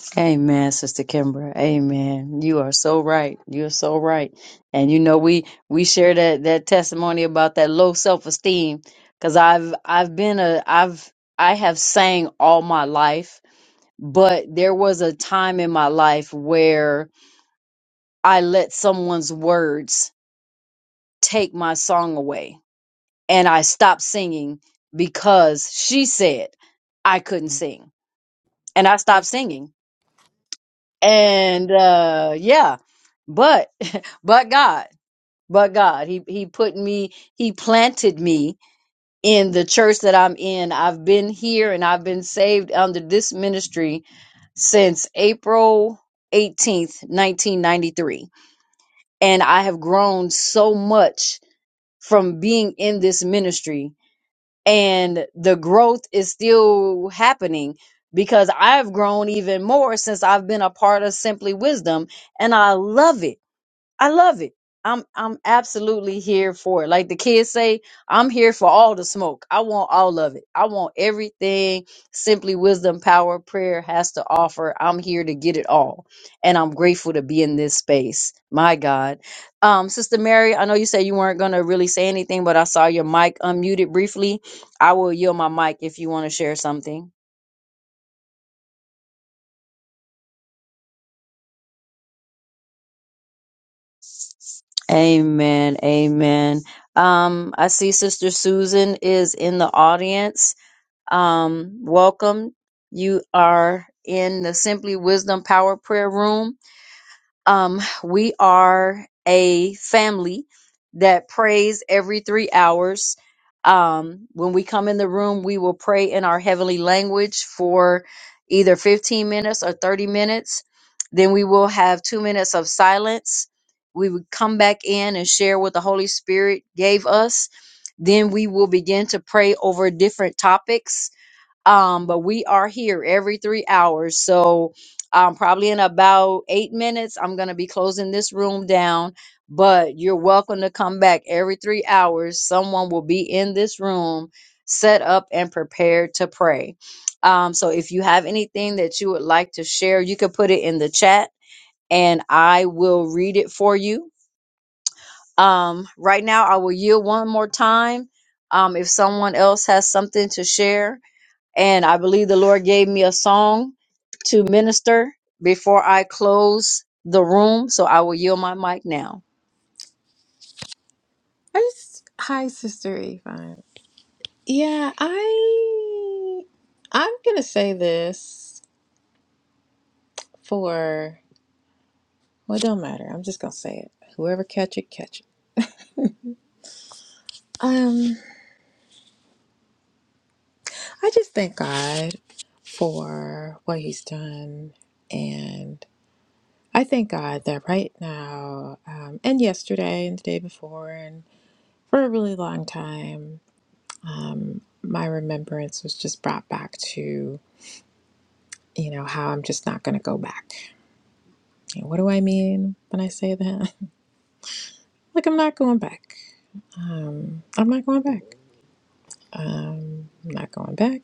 Speaker 3: (laughs) Amen, Sister Kimbra. Amen. You are so right. You're so right. And you know we we share that that testimony about that low self-esteem cuz I've I've been a I've I have sang all my life, but there was a time in my life where I let someone's words take my song away and I stopped singing because she said I couldn't sing and I stopped singing. And uh yeah, but (laughs) but God, but God, he he put me he planted me in the church that I'm in. I've been here and I've been saved under this ministry since April 18th, 1993. And I have grown so much from being in this ministry and the growth is still happening because I've grown even more since I've been a part of Simply Wisdom and I love it. I love it. I'm I'm absolutely here for it. Like the kids say, I'm here for all the smoke. I want all of it. I want everything simply wisdom, power, prayer has to offer. I'm here to get it all. And I'm grateful to be in this space. My God. Um, Sister Mary, I know you said you weren't gonna really say anything, but I saw your mic unmuted briefly. I will yield my mic if you want to share something. Amen. Amen. Um, I see Sister Susan is in the audience. Um, welcome. You are in the Simply Wisdom Power Prayer Room. Um, we are a family that prays every three hours. Um, when we come in the room, we will pray in our heavenly language for either 15 minutes or 30 minutes. Then we will have two minutes of silence. We would come back in and share what the Holy Spirit gave us. Then we will begin to pray over different topics um but we are here every three hours so um probably in about eight minutes i'm gonna be closing this room down but you're welcome to come back every three hours someone will be in this room set up and prepared to pray um so if you have anything that you would like to share you can put it in the chat and i will read it for you um right now i will yield one more time um if someone else has something to share and I believe the Lord gave me a song to minister before I close the room. So I will yield my mic now.
Speaker 4: I just, hi, Sister Yvonne. Yeah, I I'm gonna say this for well, it don't matter. I'm just gonna say it. Whoever catch it, catch it. Um, I just thank God for what He's done, and I thank God that right now, um, and yesterday, and the day before, and for a really long time, um, my remembrance was just brought back to you know how I'm just not gonna go back. And what do I mean when I say that? Like I'm not going back. Um, I'm not going back. Um, I'm not going back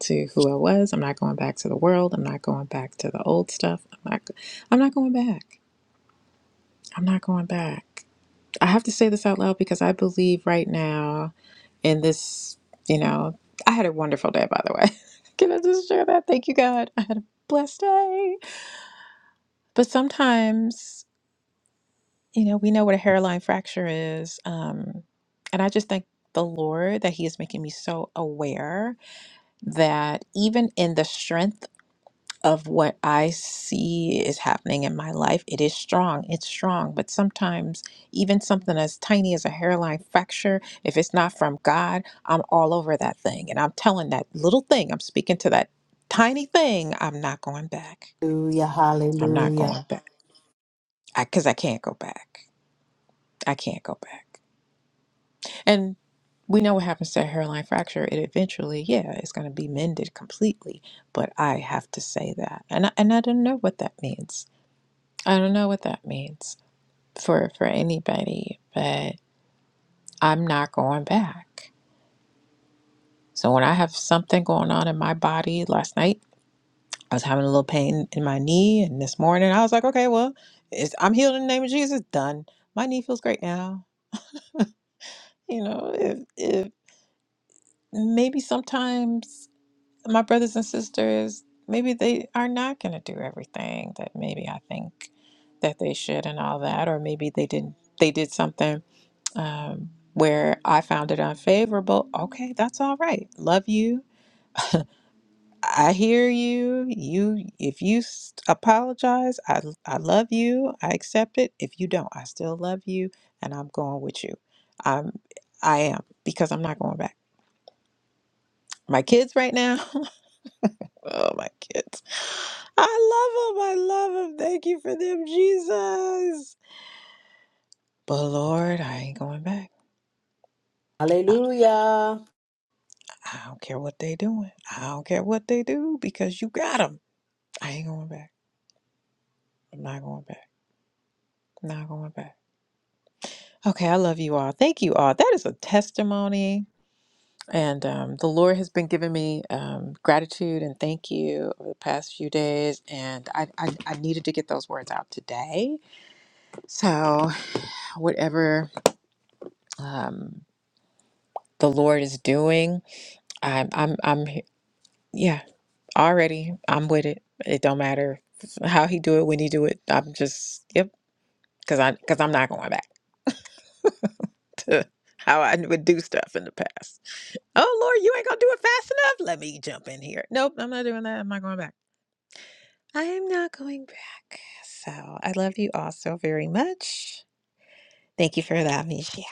Speaker 4: to who I was. I'm not going back to the world. I'm not going back to the old stuff. I'm not. I'm not going back. I'm not going back. I have to say this out loud because I believe right now in this. You know, I had a wonderful day. By the way, (laughs) can I just share that? Thank you, God. I had a blessed day. But sometimes. You know, we know what a hairline fracture is. Um, and I just thank the Lord that He is making me so aware that even in the strength of what I see is happening in my life, it is strong. It's strong. But sometimes, even something as tiny as a hairline fracture, if it's not from God, I'm all over that thing. And I'm telling that little thing, I'm speaking to that tiny thing, I'm not going back.
Speaker 2: Hallelujah,
Speaker 4: I'm not
Speaker 2: hallelujah,
Speaker 4: going back because I 'cause I can't go back. I can't go back. And we know what happens to a hairline fracture. It eventually, yeah, it's going to be mended completely. But I have to say that, and I, and I don't know what that means. I don't know what that means for for anybody. But I'm not going back. So when I have something going on in my body, last night I was having a little pain in my knee, and this morning I was like, okay, well, it's, I'm healed in the name of Jesus. Done. My knee feels great now. You know, if if maybe sometimes. my brothers and sisters, maybe they are not going to do everything that maybe I think that they should and all that, or maybe they didn't, they did something um, where I found it unfavorable. Okay, that's all right. Love you. I hear you. You, if you s- apologize, I, I love you. I accept it. If you don't, I still love you, and I'm going with you. I'm, I am because I'm not going back. My kids right now. (laughs) Oh, my kids. I love them. I love them. Thank you for them, Jesus. But Lord, I ain't going back. I,
Speaker 2: hallelujah.
Speaker 4: I don't care what they doing. I don't care what they do because you got them. I ain't going back. I'm not going back. I'm not going back. Okay, I love you all. Thank you all. That is a testimony. And um, the Lord has been giving me um, gratitude and thank you over the past few days. And I, I, I needed to get those words out today. So, whatever. um, the Lord is doing. I'm I'm I'm he- yeah, already I'm with it. It don't matter how he do it, when he do it. I'm just yep, cuz I cuz I'm not going back (laughs) to how I would do stuff in the past. Oh Lord, you ain't going to do it fast enough. Let me jump in here. Nope, I'm not doing that. I'm not going back. I am not going back. So, I love you all so very much. Thank you for allowing me to share.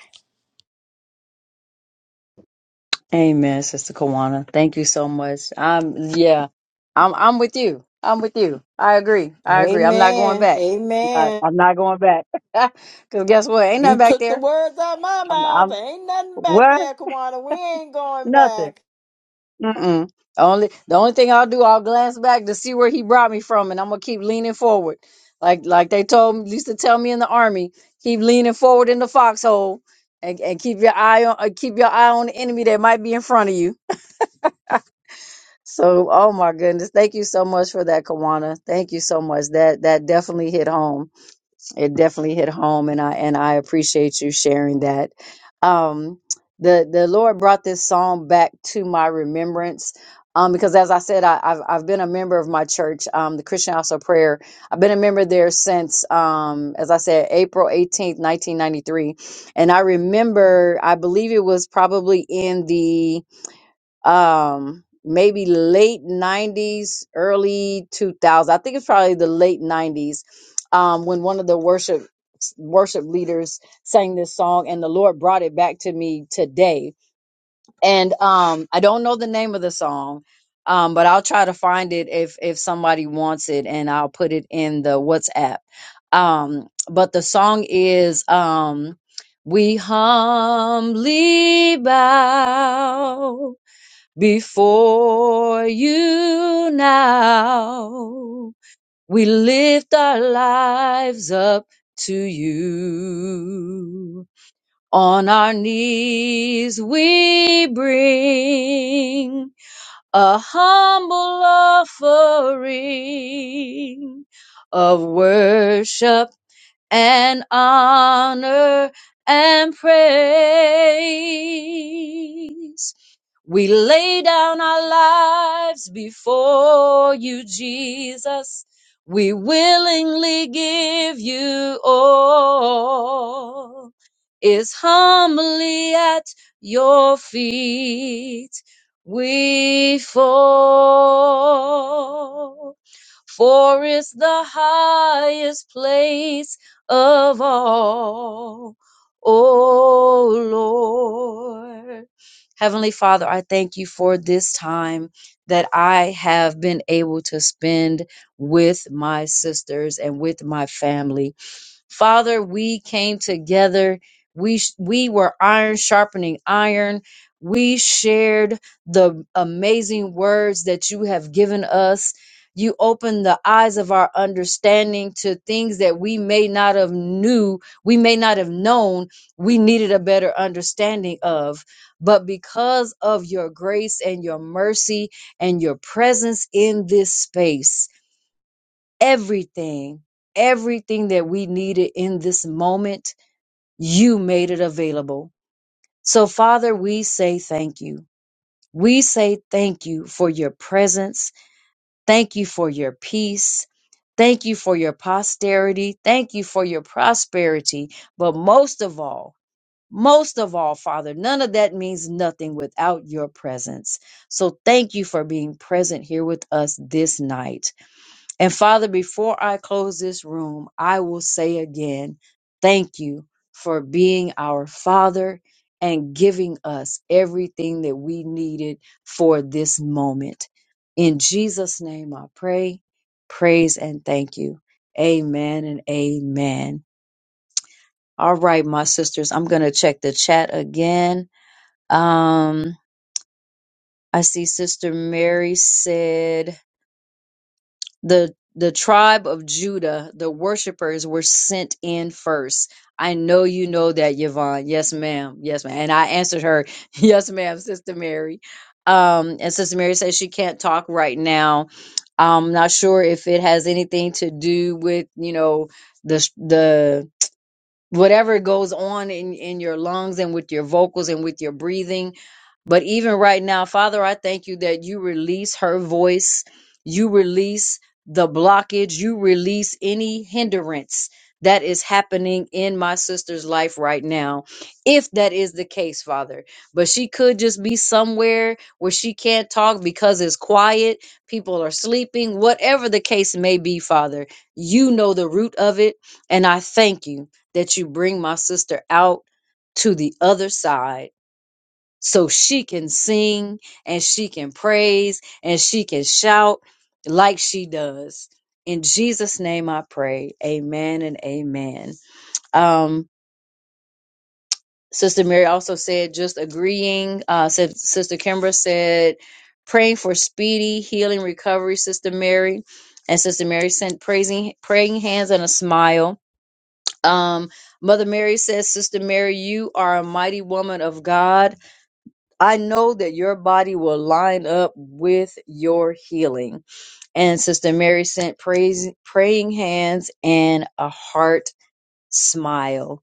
Speaker 3: Amen, Sister Kawana. Thank you so much. Um, yeah, I'm I'm with you. I'm with you. I agree. I agree. I'm not going
Speaker 2: Amen,
Speaker 3: back. I'm not,
Speaker 2: amen.
Speaker 3: I'm not going back. (laughs) Cause guess what? Ain't
Speaker 2: You
Speaker 3: nothing back
Speaker 2: took the
Speaker 3: there.
Speaker 2: words out my mouth. There Ain't nothing back there, Kawana. We ain't going
Speaker 3: Nothing.
Speaker 2: back.
Speaker 3: Mm-mm. The only the only thing I'll do, I'll glance back to see where he brought me from, and I'm gonna keep leaning forward, like like they told me, used to tell me in the army, keep leaning forward in the foxhole, and, and keep your eye on uh, keep your eye on the enemy that might be in front of you. So, oh my goodness, thank you so much for that, Kawana. Thank you so much. That that definitely hit home it definitely hit home and I and I appreciate you sharing that. Um the the Lord brought this song back to my remembrance. Um, because as I said, I, I've I've been a member of my church, um, the Christian House of Prayer. I've been a member there since, um, as I said, April eighteenth, nineteen ninety three, and I remember, I believe it was probably in the um maybe late 90s early 2000s i think it's probably the late 90s um when one of the worship worship leaders sang this song and the lord brought it back to me today and um i don't know the name of the song um but i'll try to find it if if somebody wants it and i'll put it in the whatsapp um but the song is um we humbly bow before you now. We lift our lives up to you. On our knees we bring a humble offering of worship and honor and praise. We lay down our lives before you, Jesus. We willingly give you all. Is humbly at your feet we fall. For it's the highest place of all. Oh Lord. Heavenly Father, I thank you for this time that I have been able to spend with my sisters and with my family. Father, we came together. We sh- we were iron sharpening iron. We shared the amazing words that you have given us you open the eyes of our understanding to things that we may not have knew we may not have known we needed a better understanding of but because of your grace and your mercy and your presence in this space everything everything that we needed in this moment you made it available so father we say thank you we say thank you for your presence Thank you for your peace. Thank you for your posterity. Thank you for your prosperity. But most of all, most of all, Father, none of that means nothing without your presence. So thank you for being present here with us this night. And Father, before I close this room, I will say again, thank you for being our Father and giving us everything that we needed for this moment. In Jesus' name I pray, praise, and thank you. Amen and amen. All right, my sisters, I'm going to check the chat again. Um, I see Sister Mary said, the the tribe of Judah, the worshipers were sent in first. I know you know that, Yvonne. Yes, ma'am. Yes, ma'am. And I answered her, (laughs) yes, ma'am, Sister Mary. Um, and Sister Mary says she can't talk right now. I'm not sure if it has anything to do with, you know, the the whatever goes on in, in your lungs and with your vocals and with your breathing. But even right now, Father, I thank you that you release her voice, you release the blockage, you release any hindrance that is happening in my sister's life right now, if that is the case, Father. But she could just be somewhere where she can't talk because it's quiet, people are sleeping, whatever the case may be, Father. You know the root of it, and I thank you that you bring my sister out to the other side so she can sing and she can praise and she can shout like she does. In Jesus' name I pray. Amen and amen. Um, Sister Mary also said, just agreeing. Uh, said, Sister Kimbra said, praying for speedy healing recovery, Sister Mary. And Sister Mary sent praising, praying hands and a smile Um, Mother Mary says, Sister Mary, you are a mighty woman of God. I know that your body will line up with your healing. And Sister Mary sent praise, praying hands and a heart smile.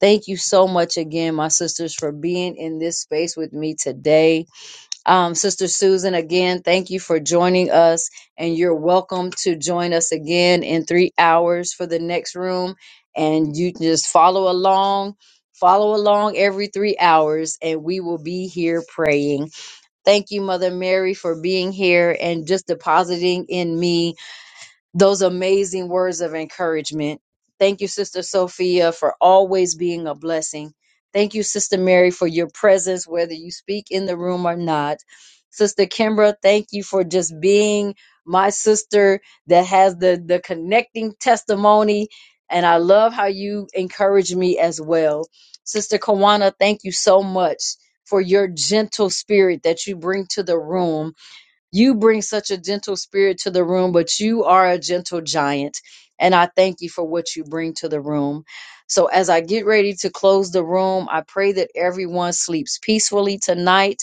Speaker 3: Thank you so much again, my sisters, for being in this space with me today um, Sister Susan, again, thank you for joining us, and you're welcome to join us again in three hours for the next room. And you can just follow along, follow along every three hours, and we will be here praying. Thank you, Mother Mary, for being here and just depositing in me those amazing words of encouragement. Thank you, Sister Sophia, for always being a blessing. Thank you, Sister Mary, for your presence, whether you speak in the room or not. Sister Kimbra, thank you for just being my sister that has the, the connecting testimony. And I love how you encourage me as well. Sister Kawana, thank you so much for your gentle spirit that you bring to the room you bring such a gentle spirit to the room, but you are a gentle giant. And I thank you for what you bring to the room. So, as I get ready to close the room, I pray that everyone sleeps peacefully tonight.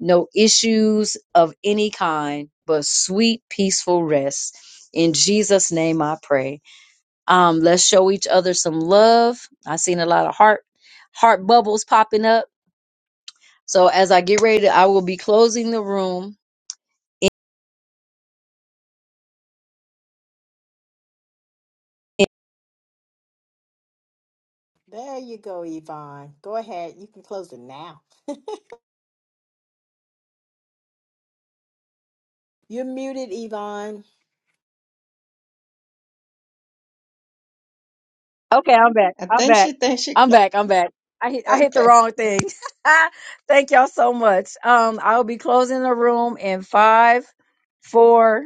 Speaker 3: No issues of any kind, but sweet, peaceful rest. In Jesus' name I pray. Um, let's show each other some love. i seen a lot of heart heart bubbles popping up. So as I get ready, I will be closing the room
Speaker 2: There you go, Yvonne. Go ahead. You can close it now. (laughs) You're muted, Yvonne.
Speaker 3: Okay, I'm back.
Speaker 5: I
Speaker 3: I'm
Speaker 5: think
Speaker 3: back.
Speaker 5: she thinks she
Speaker 3: I'm back. I'm back. I hit, I hit
Speaker 5: okay.
Speaker 3: the wrong thing. (laughs) Thank y'all so much. Um, I will be closing the room in five, four,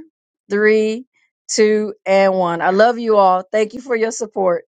Speaker 3: three, two, and one. I love you all. Thank you for your support.